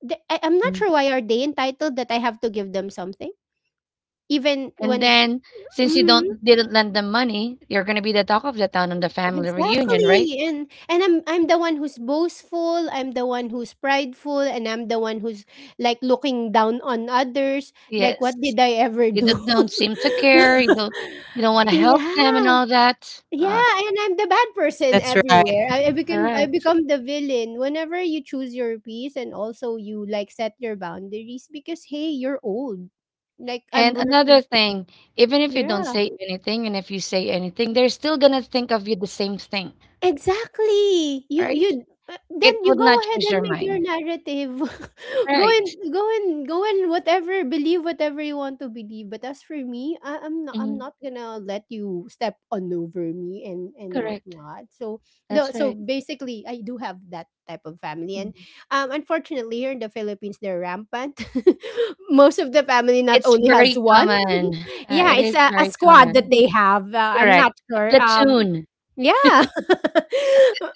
I'm not
mhm.
sure why are they entitled that I have to give them something. Even
And
when,
then, since you
mhm.
don't didn't lend them money, you're gonna be the talk of the town on the family reunion, right?
Exactly. And I'm the one who's boastful, I'm the one who's prideful, and I'm the one who's, like, looking down on others. Like, what
Yes.
did I ever
You
do?
don't seem to care. You don't want to help them and
Yeah.
all that.
Yeah, and I'm the bad person
That's right.
everywhere. I become I
Correct.
become the villain whenever you choose your piece and also you, like, set your boundaries, because hey, you're old. Like, I'm
And another
working.
thing, even if you don't
Yeah.
say anything, and if you say anything, they're still gonna think of you the same thing,
Exactly. You
right?
you then
It
you
would
go
not
ahead
change
and
their
make your
mind.
narrative. Go
Right.
and go and go and whatever, believe whatever you want to believe. But as for me, I'm not I'm
Mhm.
not gonna let you step on over me and
Correct.
whatnot. So
That's
the, so
right.
basically, I do have that type of family, and
Mhm.
unfortunately here in the Philippines, they're rampant. Most of the family not
It's
only has
very
one.
common.
Yeah,
It
it's
is
a
very
squad that
common.
they have. I'm
Correct.
not
A
sure.
platoon.
Yeah.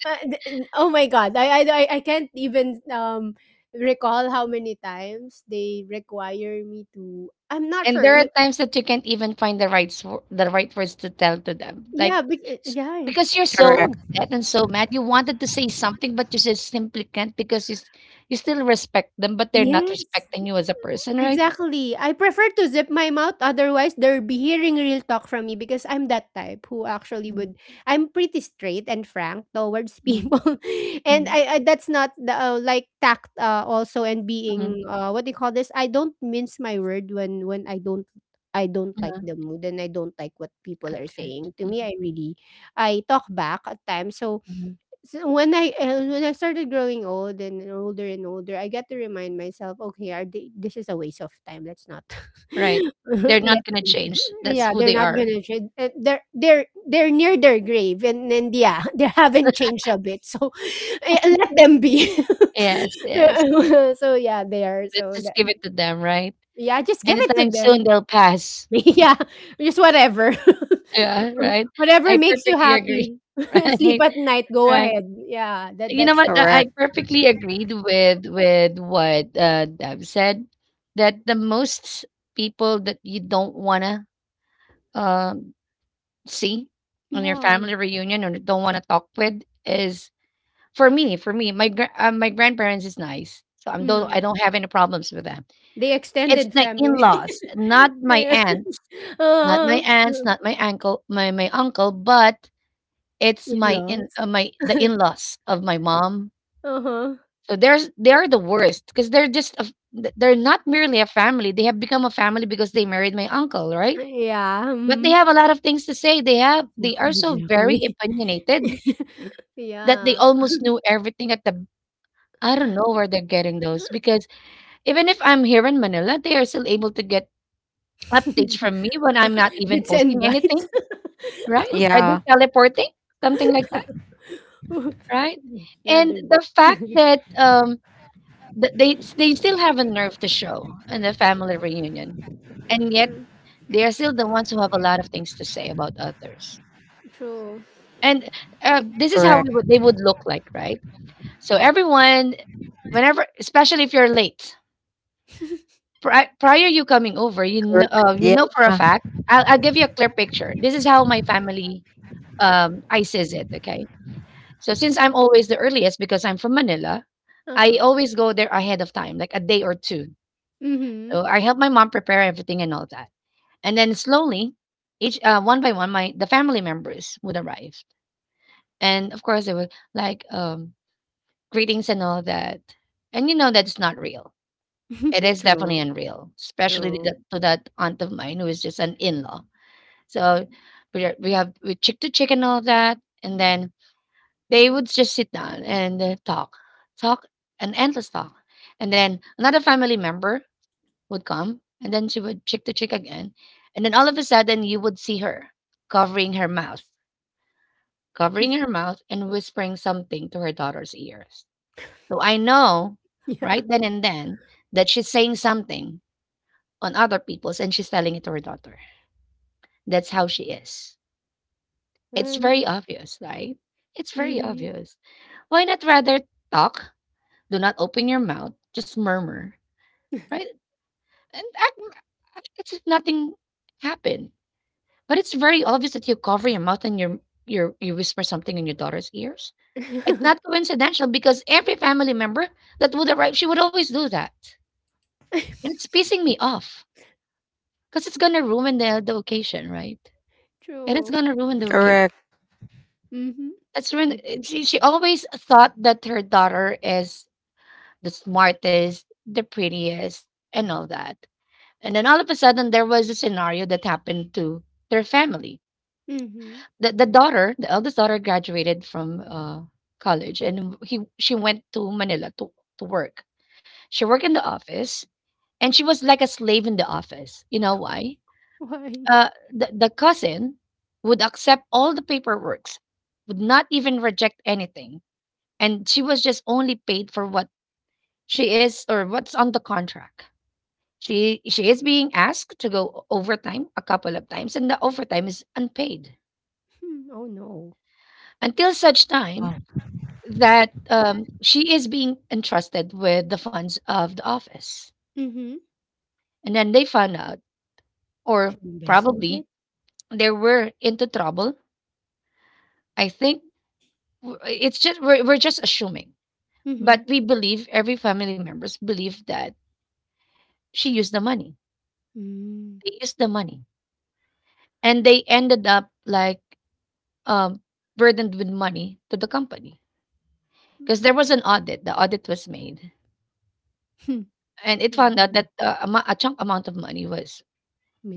Oh my god, I can't even recall how many times they require me to, I'm not
And
sure.
there are
You?
times that you can't even find the right words to tell to them. Like
Yeah
s-
yeah,
because you're so
Correct.
no.
upset and so mad, you wanted to say something, but you just simply can't, because you still respect them, but they're not
Yes,
respecting you as a person, right?
exactly. I prefer to zip my mouth, otherwise they'll be hearing real talk from me, because I'm that type who actually
Mm,
would, I'm pretty straight and frank towards
mm,
people. and
mm,
I, I that's not the like, tact, also and
mm,
being what do you call this? I don't mince my word when I don't, I don't like
yeah,
the mood, and I don't like what people are
okay.
saying. To me,
Mhm,
I really, I talk back at times. So
mhm.
so when I started growing old and older, I got to remind myself, okay, are they, this is a waste of time. Let's not.
Right. They're not
Let's,
gonna change. That's
yeah,
who
they're
they
not
are.
gonna. They're near their grave, and yeah, they haven't changed a bit. So eh, let them be.
Yes, yes.
So yeah, they are.
Let's
So
just
that,
give it to them, right?
yeah, just give it to
Anytime soon
them.
they'll pass.
Yeah, just whatever.
Yeah, right.
Whatever
I
makes you
perfectly agree.
happy. Sleep
Right,
at night, go
right.
ahead. Yeah, that
You know
that's
what? I
Correct.
perfectly agreed with what Deb said. That the most people that you don't wanna um, see on your
yeah.
family reunion, or don't wanna talk with, is for me. For me, my grandparents is nice, so I
Mm.
don't have any problems with them.
The
It's
extended
the in
family.
laws, not my
Yeah.
aunts,
Uh,
not my uncle, my uncle, but it's my in
in-laws.
my the in laws of my mom.
Uh-huh.
So there's they're the worst, because they're just they're not merely a family. They have become a family because they married my uncle, right?
Yeah.
But they
Mm.
have a lot of things to say. They are
Exactly,
so very
exactly.
opinionated that they
Yeah.
almost knew everything at the. I don't know where they're getting those, because even if I'm here in Manila, they are still able to get updates from me when I'm not even
Bits and
posting
bites.
anything, right? Are
Yeah.
they teleporting? Something like that, right? And
Leather.
the fact that Th they still have a nerve to show in a family reunion, and yet
Mm,
they are still the ones who have a lot of things to say about others.
true.
And this is how
Correct.
they would look like, right? So everyone, whenever, especially if you're late, prior you coming over,
Correct.
you
Yeah.
know for a fact. I'll give you a clear picture. This is how my family ices it. Okay, so since I'm always the earliest because I'm from Manila, I
Uh-huh.
always go there ahead of time, like a day or two.
Mm-hmm.
So I helped my mom prepare everything and all that. And then slowly, each one by one, my the family members would arrive, and of course they were like greetings and all that. And you know that it's not real. It is definitely
True.
unreal, especially
True.
to that aunt of mine who is just an in-law. So we have we chick to chick and all that, and then they would just sit down and talk, talk, an endless talk. And then another family member would come, and then she would chick to chick again, and then all of a sudden you would see her covering her mouth, covering her mouth, and whispering something to her daughter's ears. So I know
Yeah.
right then and then that she's saying something on other people's, and she's telling it to her daughter. That's how she is. It's
Mhm.
very obvious, right? It's very
Mhm.
obvious. Why not rather talk? Do not open your mouth, just murmur, right? And act, act as if nothing happened. But it's very obvious that you cover your mouth and you whisper something in your daughter's ears. It's not coincidental, because every family member that would arrive, she would always do that. And it's pissing me off because it's gonna ruin the occasion, right? And it's
True.
gonna ruin the occasion.
Correct.
Mhm.
That's ruin.
It-
She always thought that her daughter is the smartest, the prettiest, and all that. And then all of a sudden, there was a scenario that happened to their family.
mhm.
The daughter, the eldest daughter, graduated from college, and he she went to Manila to work. She worked in the office, and she was like a slave in the office. You know why?
Why?
The cousin would accept all the paperworks, would not even reject anything. And she was just only paid for what she is, or what's on the contract. She is being asked to go overtime a couple of times, and the overtime is unpaid
Hmm, oh no.
until such time
Uh,
that she is being entrusted with the funds of the office.
Mhm.
And then they found out, or
She embezzled
probably
it?
they were into trouble. I think we're just assuming, but
Mhm.
we believe every family members believe that she used the money.
Mm.
They used the money, and they ended up like um, burdened with money to the company, because there
Mhm.
was an audit. The audit was made,
Hmm.
and it
Oh,
found out
hmm.
that a chunk amount of money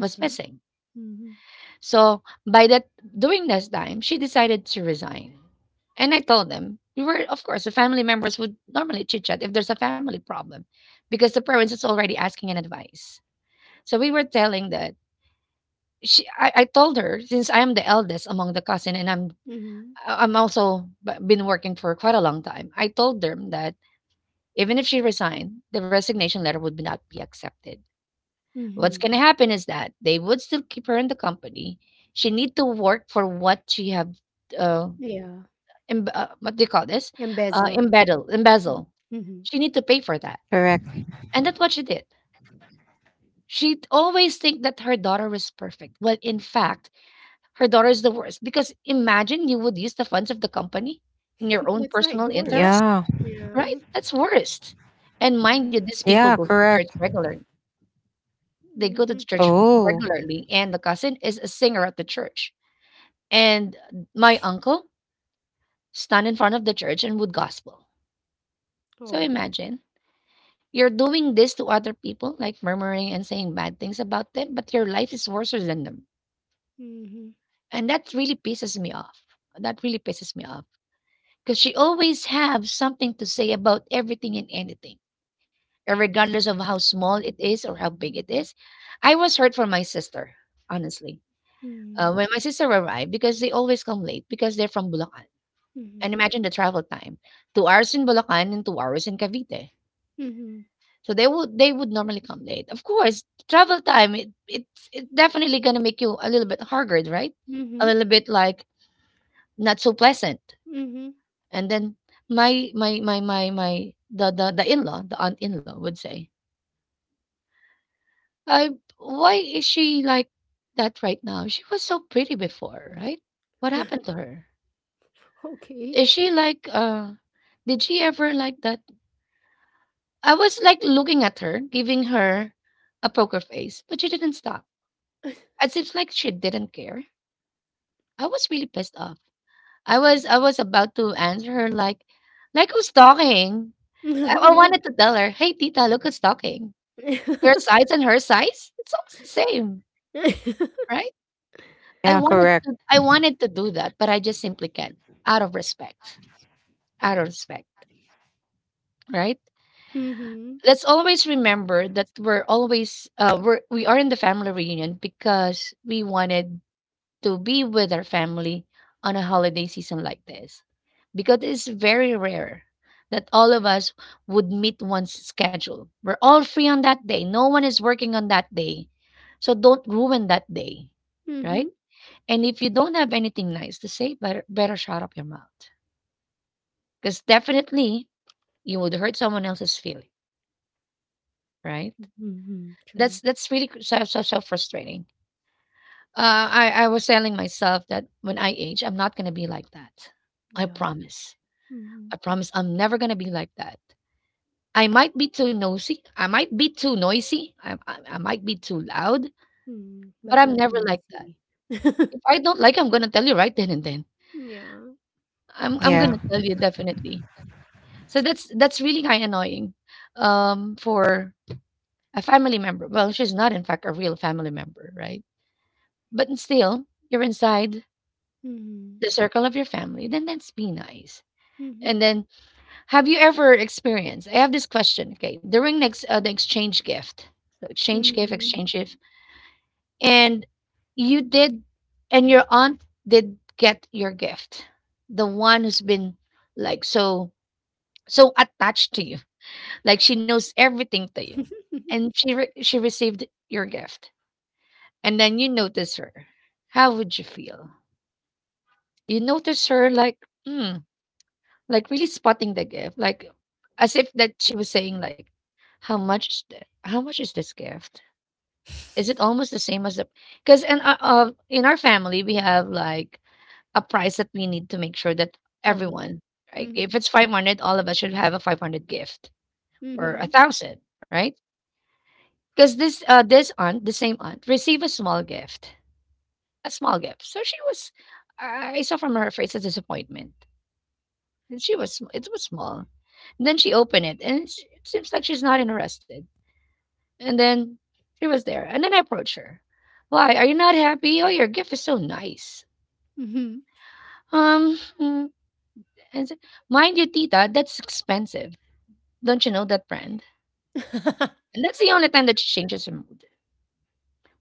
was missing.
Mhm.
So by that during this time, she decided to resign. And I told them, we were, of course, the family members would normally chit chat if there's a family problem, because the parents is already asking an advice. So we were telling that I told her, since I am the eldest among the cousin and
Mhm.
I am also been working for quite a long time. I told them that even if she resigned, the resignation letter would not be accepted. What's
Mhm.
gonna happen is that they would still keep her in the company. She need to work for what she have, uh,
Yeah.
emb what do you call this?
Embezzled.
Embezzle.
Mhm.
She need to pay for that,
Correct.
and that's what she did. She always think that her daughter was perfect, when in fact, her daughter is the worst. Because imagine you would use the funds of the company in your own
That's not
personal
yours.
interest,
Yeah.
right?
Yeah.
That's worst. And mind
Mhm.
you, these people
Yeah.
go to the church
Correct.
regularly. They go to the
Mhm.
church
Oh.
regularly, and the cousin is a singer at the church. And my uncle stand in front of the church and would gospel. So
Oh.
imagine you're doing this to other people, like murmuring and saying bad things about them, but your life is worse than them.
Mhm.
And that really pisses me off. That really pisses me off. Because she always have something to say about everything and anything, regardless of how small it is or how big it is. I was hurt for my sister, honestly.
Mhm.
When my sister arrived, because they always come late because they're from Bulacan.
Mhm.
And imagine the travel time, 2 hours in Bulacan and 2 hours in Cavite.
Mhm.
So they would normally come late. Of course, travel time, it's definitely gonna make you a little bit haggard, right? A
Mhm.
little bit like not so pleasant.
Mhm.
And then my my my my my the in law, the aunt in law would say, I why is she like that right now? She was so pretty before, right? What happened to her?
Okay.
Is she like did she ever like that. I was like looking at her, giving her a poker face, but she didn't stop. It seems like she didn't care. I was really pissed off. I was about to answer her, like who's talking? I
Mm,
wanted to tell her, hey Tita, look who's talking. Your size and her size? It's almost the same, right?
Yeah. Correct.
I wanted to do that, but I just simply can't. Out of respect. Out of respect. Right?
mhm,
Let's always remember that we're always we're we are in the family reunion because we wanted to be with our family on a holiday season like this, because it's very rare that all of us would meet one's schedule. We're all free on that day, no one is working on that day, so don't ruin that day,
mm, mhm,
right?
mm,
And if you don't have anything nice to say, better shut up your mouth, because definitely you would hurt someone else's feeling, right?
mhm. True.
That's really so frustrating. I was telling myself that when I age, I'm not gonna be like that. I
Yeah.
promise.
Mm,
I
mhm.
promise. I'm never gonna be like that. I might be too nosy. I might be too noisy. I might be too loud.
Mm.
But
But
I'm
not
never like that.
noisy.
If I don't like, I'm gonna tell you right then and then.
Yeah.
I'm gonna
Yeah.
tell you definitely. So that's really kind of annoying, for a family member. Well, she's not in fact a real family member, right? But still, you're inside
Mhm.
the circle of your family, then that's be nice. And
Mhm.
then, have you ever experienced? I have this question. Okay, during next the exchange gift, so
Mhm.
exchange gift, and you did, and your aunt did get your gift, the one who's been like so attached to you, like she knows everything to you, and she received your gift, and then you notice her. How would you feel? You notice her like, hmm, like really spotting the gift, like as if that she was saying like, "How much is that? How much is this gift? Is it almost the same as the?" Because in our family we have like a price that we need to make sure that
Uh-huh.
everyone, right? If
Mhm.
it's 500, all of us should have a 500 gift, or a
Mhm.
thousand, right? Because this this aunt, the same aunt, received a small gift, a small gift. So she was, I saw from her face a disappointment. And it was small. And then she opened it, and it seems like she's not interested. And then she was there, and then I approached her. Why are you not happy? Oh, your gift is so nice.
Mhm.
Um, mm," and said, mind you, Tita, that's expensive. Don't you know that brand? And that's the only time that she changes her mood.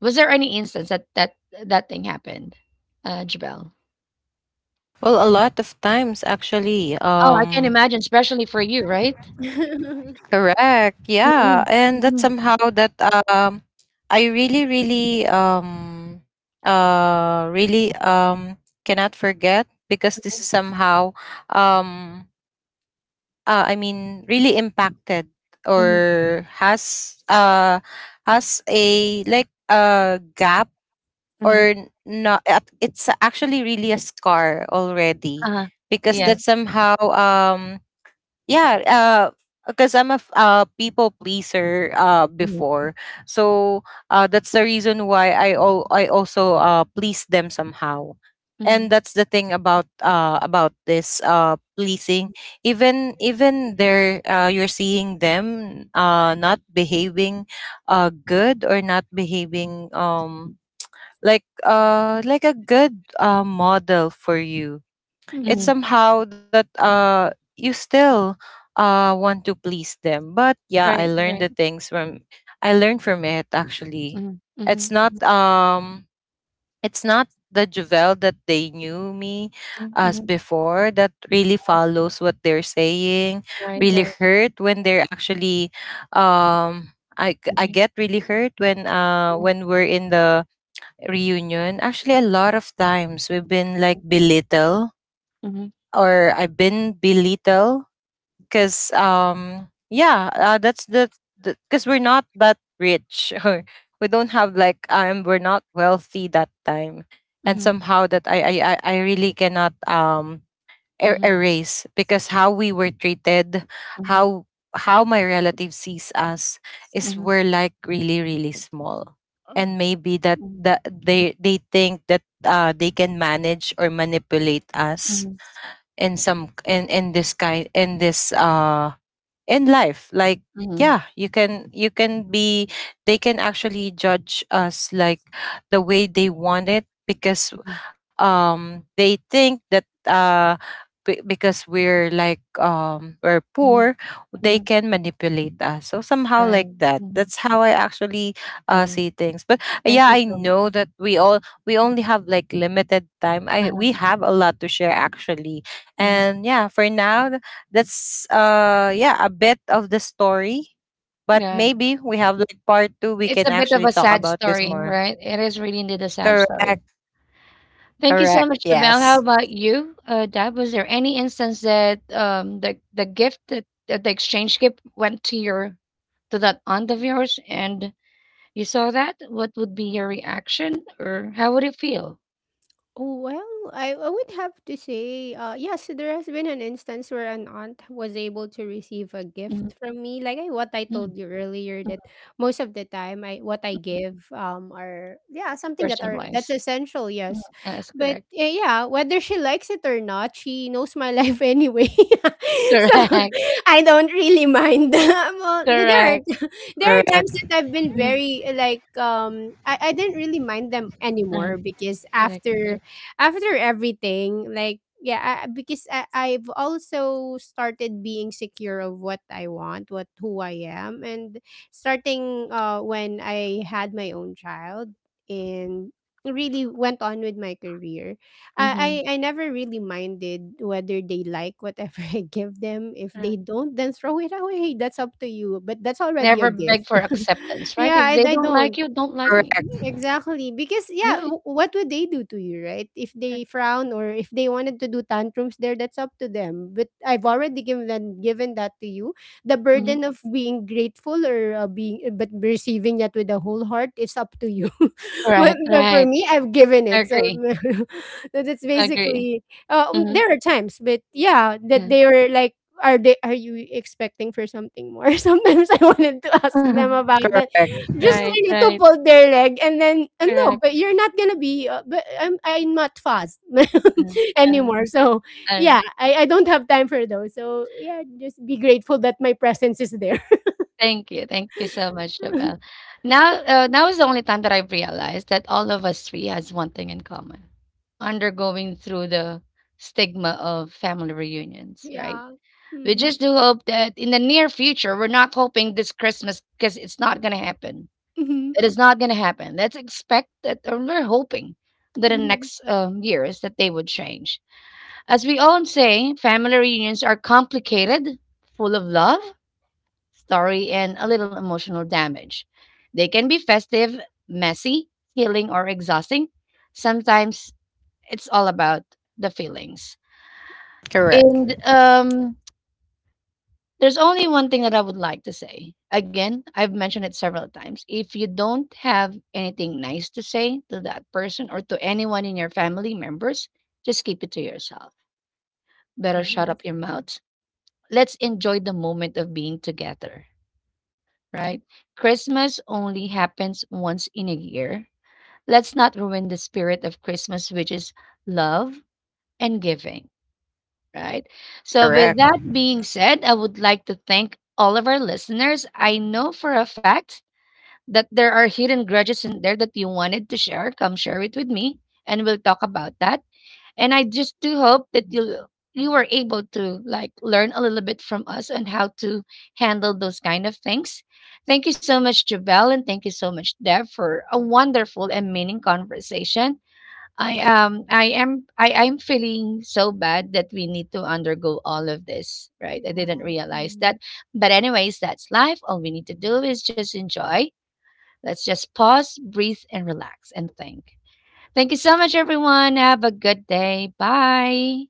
Was there any instance that thing happened, Jabel?
Well, a lot of times actually.
Oh, I can imagine, especially for you, right?
Correct. Yeah,
Mm-hmm.
and that
Mm-hmm.
somehow that I really really uh really um cannot forget because this is somehow um I mean really impacted
Mm-hmm.
or has a like a gap
Mm-hmm.
or not it's actually really a scar already,
Uh-huh.
because
Yes.
that
Mhm.
somehow yeah, because I'm people pleaser before. So that's the reason why I also please them somehow.
Mm-hmm.
And that's the thing about this pleasing, even they're you're seeing them not behaving good or not behaving like a good model for you.
Mhm. Mhm.
Mm-hmm.
It's somehow that you still want to please them. But yeah, I
Right. Right.
learned the things from, I learned from it actually.
Mhm, mhm,
It's not
mhm,
it's not the Javel that they knew me
mhm,
as
mhm.
before that really follows what they're saying.
Right,
Really
right.
hurt when they're actually I
Mhm,
get really hurt
mhm,
when we're in the reunion. Actually, a lot of times we've been like belittle
mhm,
or I've been belittled because yeah, that's the, because we're not that rich or we don't have like we're not wealthy that time, and
mhm,
somehow that I really cannot
mhm, mhm,
erase because how we were treated,
mhm, mhm.
how how my relative sees us is
Mhm,
we're like really really small, and maybe that
mhm,
that they think that they can manage or manipulate us in some in this kind in this in life, like,
mhm,
yeah, you can, you can be, they can actually judge us like the way they want it, because
mhm,
they think that because we're like we're
mhm,
poor, they
mhm.
can manipulate us. So somehow
Right.
like that,
Mhm.
that's how I actually
I know.
see things. But
Thank
yeah,
you
I
so
know
much.
that we all, we only have like limited time. I,
Uh-huh.
we have a lot to share actually,
Mhm.
and yeah, for now that's yeah, a bit of the story. But
Yeah.
maybe we have like part two, we
It's a
can
bit of
actually
a
talk
sad
about this
story,
more.
right? It is really indeed a sad story.
Correct.
Thank you so
Correct.
much, Jamel. How
Yes.
about you, Dad? Was there any instance that the gift that, that the exchange gift went to your to that aunt of yours, and you saw that? What would be your reaction, or how would it feel?
Oh, well, I would have to say, yes, there has been an instance where an aunt was able to receive a
Mm,
gift from me. Like I, what I
mm,
told you earlier,
mm.
that most of the time, I what I give are, yeah, something that are, that's
Person-wise.
essential.
Mm.
Yes,
That's
but
correct.
yeah, whether she likes it or not, she knows my life anyway, so
Correct.
I don't really mind. Well, there are
Correct.
there are times
Correct.
that I've been
Mm,
very like I didn't really mind them
uh-huh.
anymore, because
Correct.
after
Correct.
after everything, like yeah, because I've also started being secure of what I want, what who I am, and starting when I had my own child and really went on with my career.
Mhm.
I never really minded whether they like whatever I give them. If
Correct.
they don't, then throw it away. That's up to you. But that's already a
Never beg
gift.
for acceptance, right?
Yeah,
If they
I
don't like
don't.
you, don't like
Mm,
me.
Correct.
exactly. Because yeah,
Right.
what would they do to you, right? If they
Correct.
frown or if they wanted to do tantrums there, that's up to them. But I've already given them, given that to you. The
Mhm.
burden of being grateful or being but receiving that with a whole heart, it's up to you.
Correct.
But for
Right.
me, I've given
I
it. So
agree.
so that's
I agree.
basically
Mhm.
there are times, but yeah, that
Yeah.
they were like, are they, are you expecting for something more? Sometimes I wanted to ask them about that,
Correct.
just
Right.
they need to
Right.
pull their leg, and then no, but
Correct.
you're not gonna be. But I'm not fast
Uh-huh, uh-huh,
anymore. So
uh uh uh
yeah, I don't have time for those. So yeah, just be grateful that my presence is there.
Thank you so much, Jabelle. Now, now is the only time that I've realized that all of us three has one thing in common: undergoing through the stigma of family reunions. Right?
Yeah.
We
Mm-hmm.
just do hope that in the near future, we're not hoping this Christmas, because it's not gonna happen.
Mm-hmm.
It is not gonna happen. Let's expect that, or we're hoping that in the
Mm-hmm.
next years that they would change. As we all say, family reunions are complicated, full of love story, and a little emotional damage. They can be festive, messy, healing, or exhausting. Sometimes it's all about the feelings.
True.
And
Correct.
there's only one thing that I would like to say. Again, I've mentioned it several times. If you don't have anything nice to say to that person, or to anyone in your family members, just keep it to yourself. Better shut up your
Yes.
mouth. Let's enjoy the moment of being together, right? Christmas only happens once in a year. Let's not ruin the spirit of Christmas, which is love and giving, right? So,
Yes.
with that
Correct.
being said, I would like to thank all of our listeners. I know for a fact that there are hidden grudges in there that you wanted to share. Come share it with me, and we'll talk about that. And I just do hope that you were able to like learn a little bit from us on how to handle those kind of things. Thank you so much, Jabel, and thank you so much, Deb, for a wonderful and meaning conversation. I am feeling so bad that we need to undergo all of this, right? I didn't
Yeah.
realize that.
Mhm.
But anyways, that's life. All we need to do is just enjoy. Let's just pause, breathe, and relax and think. Thank you so much, everyone. Have a good day. Bye.